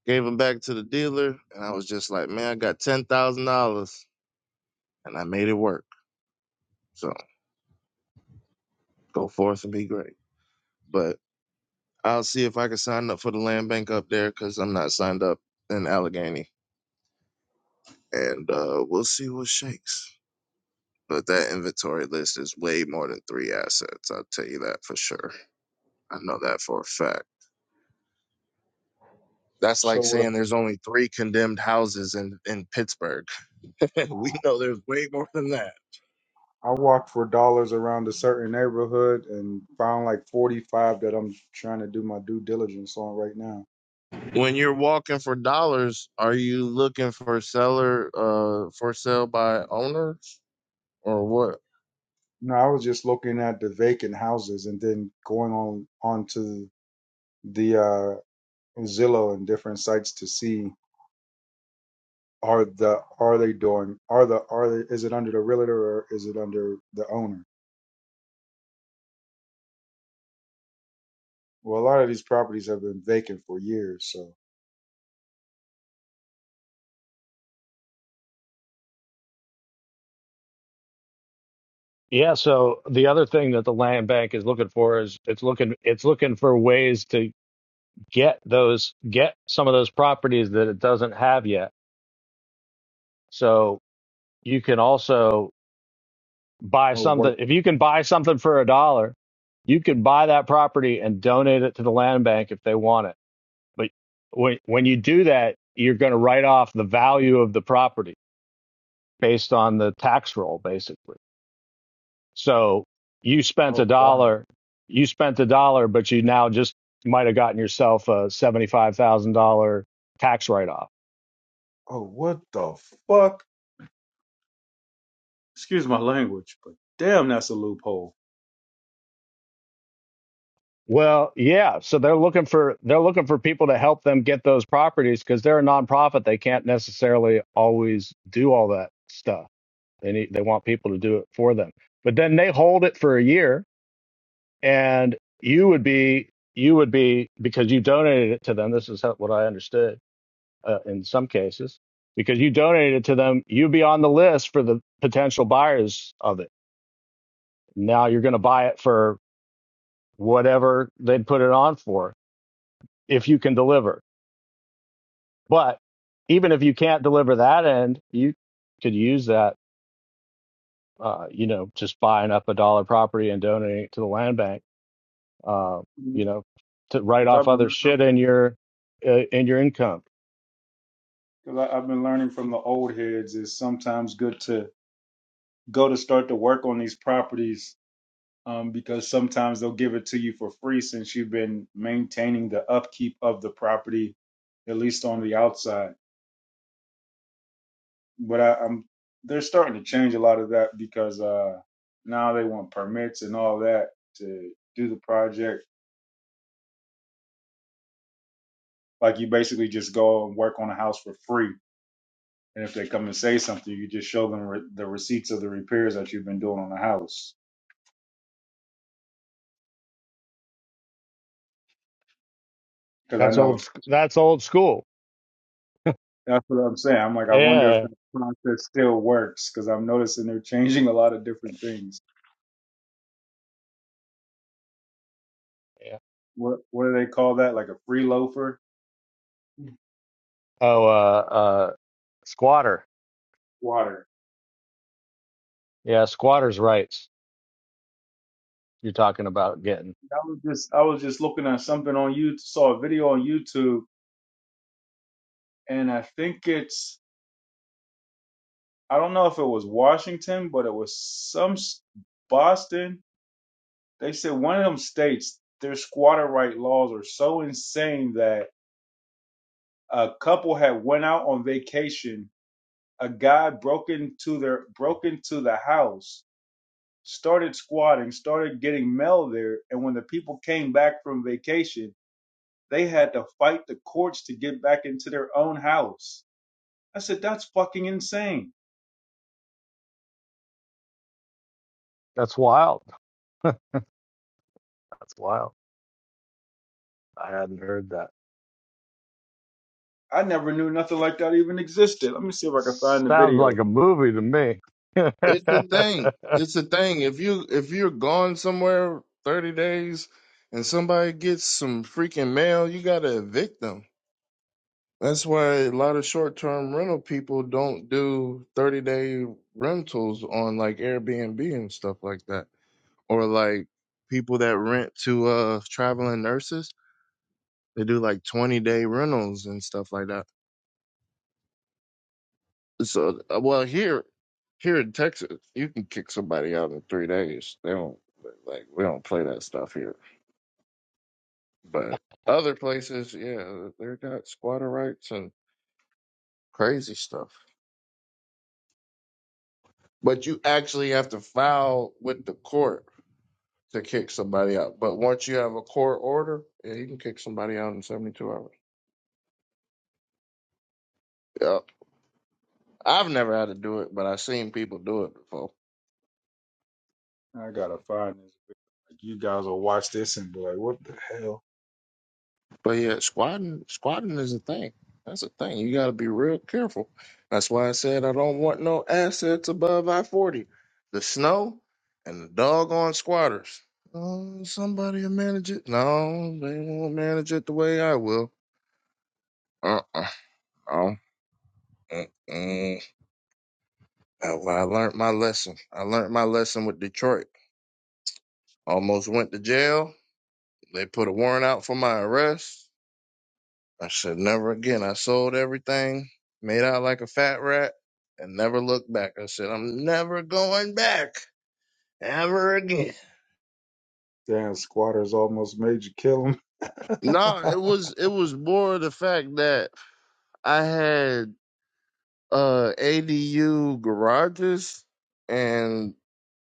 Gave them back to the dealer, and I was just like, man, I got ten thousand dollars, and I made it work. So go forth and be great. But I'll see if I can sign up for the land bank up there because I'm not signed up in Allegheny. and uh, we'll see what shakes. But that inventory list is way more than three assets. I'll tell you that for sure. I know that for a fact. That's
So
like
what? i
saying there's only three condemned houses in, in Pittsburgh. we know there's way more than that.
I walked for dollars around a certain neighborhood and found like 45 that I'm trying to do my due diligence on right now.
When you're walking for dollars, are you looking for seller uh for sale by owners or what
No, I was just looking at the vacant houses and then going on onto the uh, Zillow and different sites to see are the are they doing are the are they, is it under the realtor or is it under the owner? Well, a lot of these properties have been vacant for years. So
yeah. So the other thing that the land bank is looking for is it's looking it's looking for ways to get those get some of those properties that it doesn't have yet. So you can also buy
oh what
something if you can buy something for a dollar, you can buy that property and donate it to the land bank if they want it. But when when you do that, you're going to write off the value of the property. based on the tax roll, basically. So you spent a
oh wow
dollar, you spent a dollar, but you now just might have gotten yourself a $75,000 tax write off.
oh what the fuck? Excuse my language, but damn, that's a loophole.
Well, yeah. So they're looking for, they're looking for people to help them get those properties because they're a nonprofit. They can't necessarily always do all that stuff. They need, they want people to do it for them, but then they hold it for a year and you would be, you would be, because you donated it to them. This is how, what I understood uh, in some cases because you donated it to them. You'd be on the list for the potential buyers of it. Now you're going to buy it for whatever they'd put it on for if you can deliver. But even if you can't deliver that end, you could use that, uh, you know, just buying up a dollar property and donating it to the land bank, uh, you
Because
know, to write
I've
off other
been
shit in your uh, in your income.
because I've been learning from the old heads is sometimes good to go to start to work on these properties um, because sometimes they'll give it to you for free since you've been maintaining the upkeep of the property, at least on the outside. But I, I'm they're starting to change a lot of that because uh, now they want permits and all that to do the project. Like you basically just go and work on a house for free, and if they come and say something, you just show them re- the receipts of the repairs that you've been doing on the house. Because I
That's
know
old. sc- That's old school.
That's what I'm saying. I'm like, I wonder if
Yeah.
the process still works because I'm noticing they're changing a lot of different things.
yeah.
What what do they call that? Like a free loafer?
Oh, uh, uh, squatter.
Water.
Yeah, squatter's rights. You're talking about getting.
I was just I was just looking at something on YouTube, saw a video on YouTube, and I think it's I don't know if it was Washington, but it was some s- Boston. They said one of them states their squatter right laws are so insane that a couple had went out on vacation a guy broke into their broke into the house, started squatting, started getting mail there, and when the people came back from vacation, they had to fight the courts to get back into their own house. I said, That's fucking insane.
That's wild. That's wild. I hadn't heard that.
I never knew nothing like that even existed. Let me see if I can find the
Sounds like
video.
a movie to
It's the thing.
me.
It's the thing. If you if you're gone somewhere thirty days and somebody gets some freaking mail, you gotta evict them. That's why a lot of short term rental people don't do thirty day rentals on like Airbnb and stuff like that. Or like people that rent to uh traveling nurses, they do like twenty day rentals and stuff like that. So, uh, well, here, here in Texas, you can kick somebody out in three days. They don't like we don't play that stuff here. But other places, yeah, they got squatter rights and crazy stuff. But you actually have to file with the court to kick somebody out. But once you have a court order, yeah, you can kick somebody out in seventy two hours. Yeah, I've never had to do it, but I've seen people do it before.
I gotta find this video. Like you guys will watch this and be like, What the hell?
But yeah, squatting squatting is a thing. That's a thing. You got to be real careful. That's why I said I don't want no assets above I forty. The snow and the doggone squatters. Oh, somebody will manage it. No, they won't manage it the way I will. Uh uh oh. Mm-mm. That's why I learned my lesson. I learned my lesson with Detroit. Almost went to jail. They put a warrant out for my arrest. I said, never again. I sold everything, made out like a fat rat, and never looked back. I said, I'm never going back ever again.
Damn squatters almost made you kill him.
No, it was it was more the fact that I had uh ADU garages and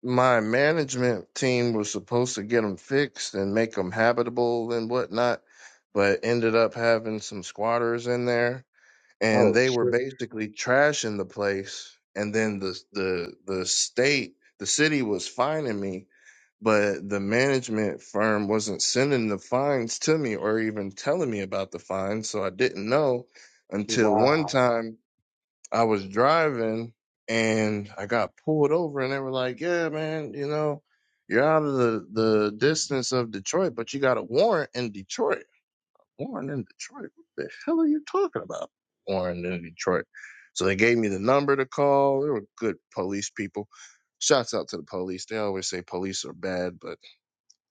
my management team was supposed to get them fixed and make them habitable and whatnot, but ended up having some squatters in there and
oh
they were
shit.
basically trashing the place and then the the the state the city was fining me but the management firm wasn't sending the fines to me or even telling me about the fines so I didn't know until
Wow.
one time I was driving and I got pulled over and they were like yeah man you know you're out of the the distance of Detroit but you got a warrant in Detroit Warren in Detroit. What the hell are you talking about? Warren in Detroit. So they gave me the number to call. They were good police people. Shouts out to the police. They always say police are bad, but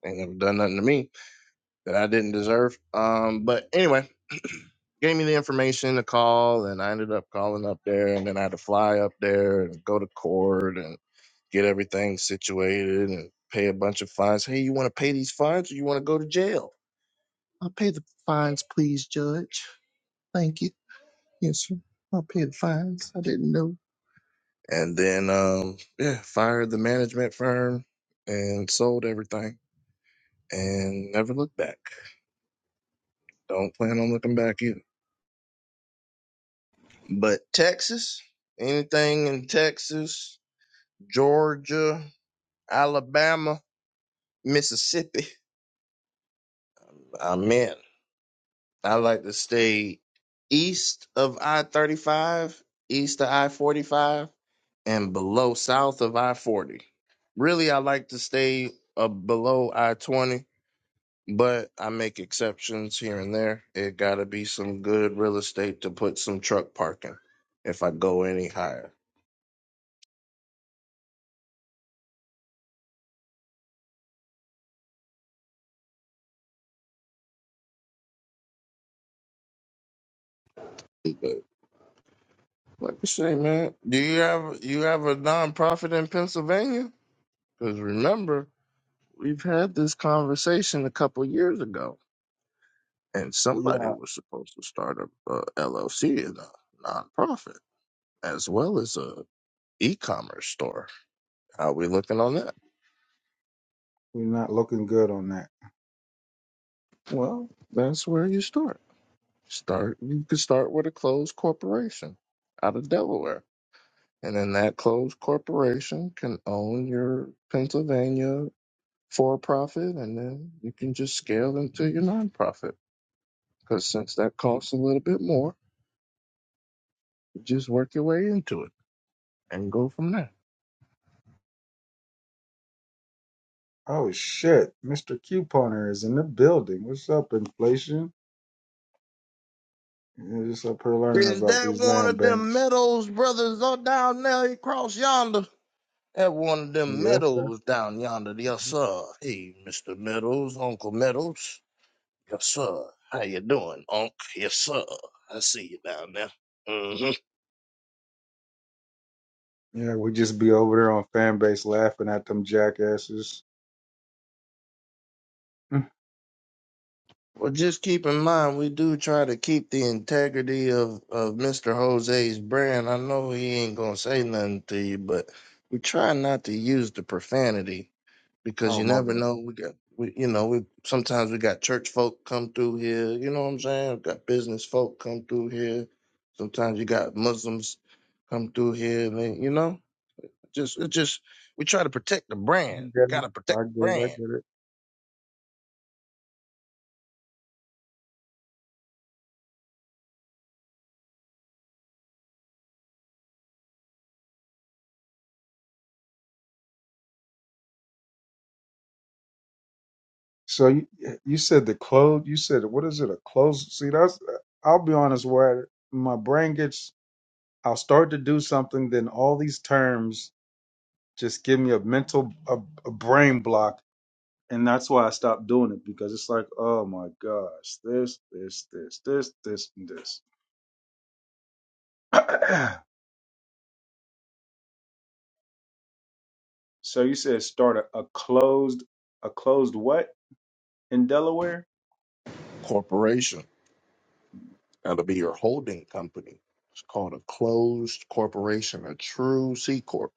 they never done nothing to me that I didn't deserve. Um, but anyway, gave me the information to call, and I ended up calling up there, and then I had to fly up there and go to court and get everything situated and pay a bunch of fines. Hey, you want to pay these fines, or you want to go to jail? I'll pay the fines, please, Judge. Thank you. Yes, sir. I'll pay the fines. I didn't know. And then, um, yeah, fired the management firm and sold everything and never looked back. Don't plan on looking back either. But Texas, anything in Texas, Georgia, Alabama, Mississippi, I'm in. I like to stay east of I 35, east of I 45, and below south of I 40. Really, I like to stay uh, below I 20, but I make exceptions here and there. It got to be some good real estate to put some truck parking if I go any higher. But like I say, man, do you have you have a nonprofit in Pennsylvania? Because remember, we've had this conversation a couple years ago and somebody
Yeah,
was supposed to start a, LLC and a nonprofit as well as a e-commerce store. How we looking on that?
we're not looking good on that.
Well, that's where you start. Start you could start with a closed corporation out of Delaware, and then that closed corporation can own your Pennsylvania for-profit, and then you can just scale into your nonprofit. Because since that costs a little bit more, you just work your way into it and go from there.
Oh shit, Mr. Couponer is in the building. What's up, inflation? Yeah, just up here learning
Is
about
that
these
one
land
of them
banks.
Meadows brothers or down there across yonder? That one of them
Yeah, that-
Meadows down yonder, yes sir. Hey, Mr. Meadows, Uncle Meadows, yes sir. How you doing, Unc? Yes sir. I see you down there. hmm
yeah, we just be over there on fan base laughing at them jackasses. Mm.
Well, just keep in mind we do try to keep the integrity of of Mr. Jose's brand. I know he ain't gonna say nothing to you, but we try not to use the profanity because
Oh
you
my
never
bad.
know. We got, we, you know, we sometimes we got church folk come through here. You know what I'm saying? We got business folk come through here. Sometimes you got Muslims come through here. Man, you know, just it just we try to protect the
I
brand. You
get
got
it.
to protect
I get
the
it. I
brand.
get it. So you you said the clothes. You said what is it? A close. See, that's. I'll be honest. Where my brain gets, I'll start to do something. Then all these terms just give me a mental a, a brain block and that's why I stopped doing it because it's like, oh my gosh, this, this, this, this, this, and this. so you said start a, a closed, a closed what in Delaware?
Corporation got to be your holding company. It's called a closed corporation, a true C corp.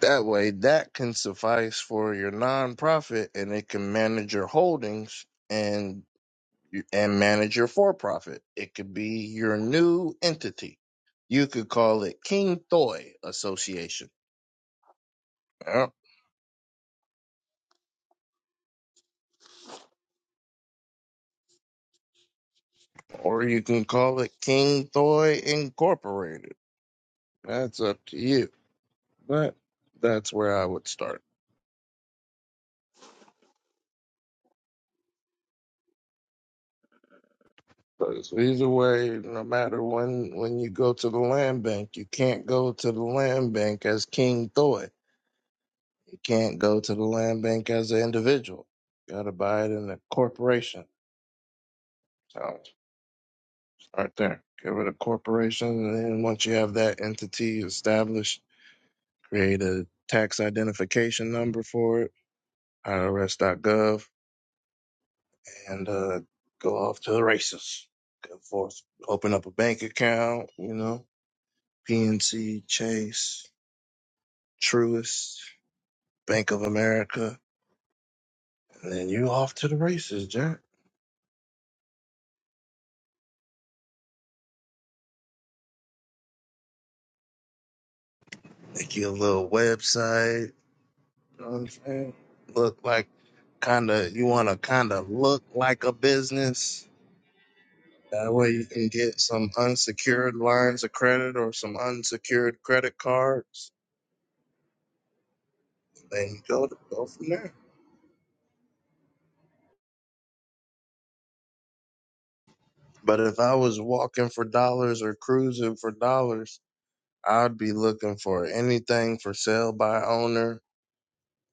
That way, that can suffice for your nonprofit, and it can manage your holdings. And You- and manage your for profit. It could be your new entity. You could call it King Thoy Association, yeah, or you can call it King Thoy Incorporated. That's up to you, but that's where I would start. 'Cause either way, no matter when when you go to the land bank, you can't go to the land bank as King Thoy. You can't go to the land bank as an individual. You gotta buy it in a corporation. So right there. Get rid of corporation, and then once you have that entity established, create a tax identification number for it, IRS.gov, and uh, go off to the races. Go forth, open up a bank account, you know, PNC, Chase, Truist, Bank of America, and then you off to the races, Jack. Make you a little website. You know what I'm saying? Look like kind of you want to kind of look like a business That way you can get some unsecured lines of credit or some unsecured credit cards. Then you go to go from there. But if I was walking for dollars or cruising for dollars, I'd be looking for anything for sale by owner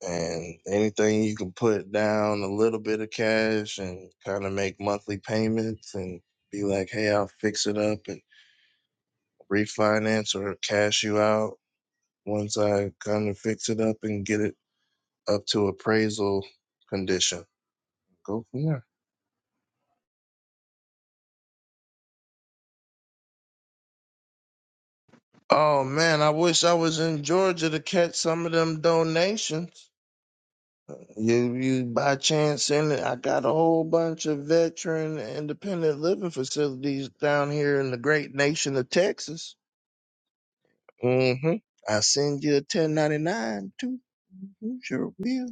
and anything you can put down a little bit of cash and kind of make monthly payments and be like, hey, I'll fix it up and refinance or cash you out once I kind of fix it up and get it up to appraisal condition. Go from there. Oh man, I wish I was in Georgia to catch some of them donations. You, you by chance in it? I got a whole bunch of veteran independent living facilities down here in the great nation of Texas. Mm-hmm. I send you a 1099 too. You sure will.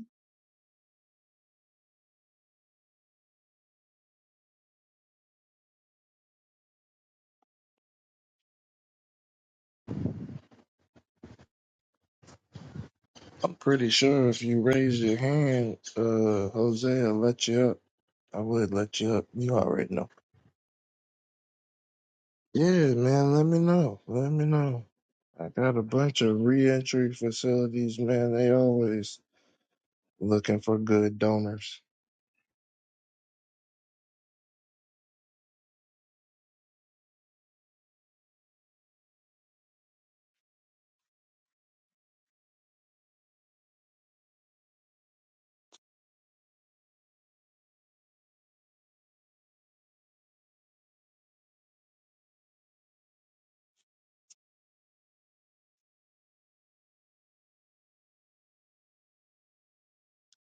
I'm pretty sure if you raise your hand, uh, Jose, I'll let you up. I would let you up. You already know. Yeah, man, let me know. Let me know. I got a bunch of reentry facilities, man. They always looking for good donors.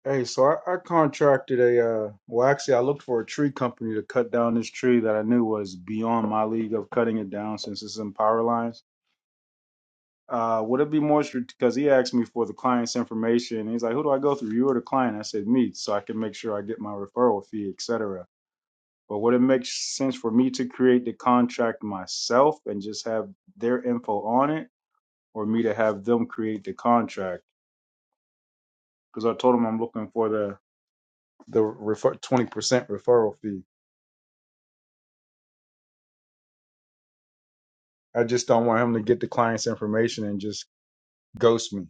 Hey, so I, I contracted a, uh, well, actually, I looked for a tree company to cut down this tree that I knew was beyond my league of cutting it down since it's in power lines. Uh, would it be more because he asked me for the client's information? He's like, "Who do I go through? You or the client?" I said, "Me," so I can make sure I get my referral fee, etc. But would it make sense for me to create the contract myself and just have their info on it, or me to have them create the contract? Because I told him I'm looking for the the refer twenty percent referral fee. I just don't want him to get the client's information and just ghost me.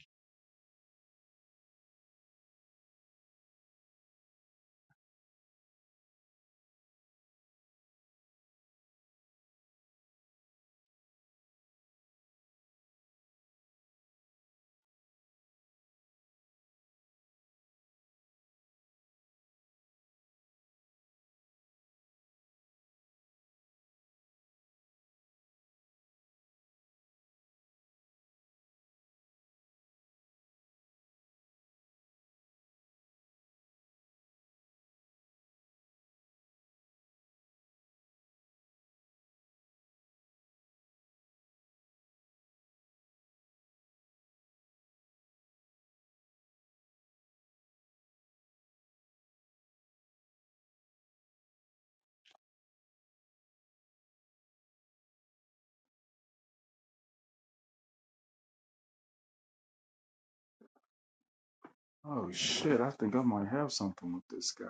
Oh shit! I think I might have something with this guy.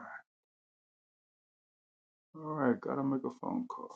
All right, gotta make a phone call.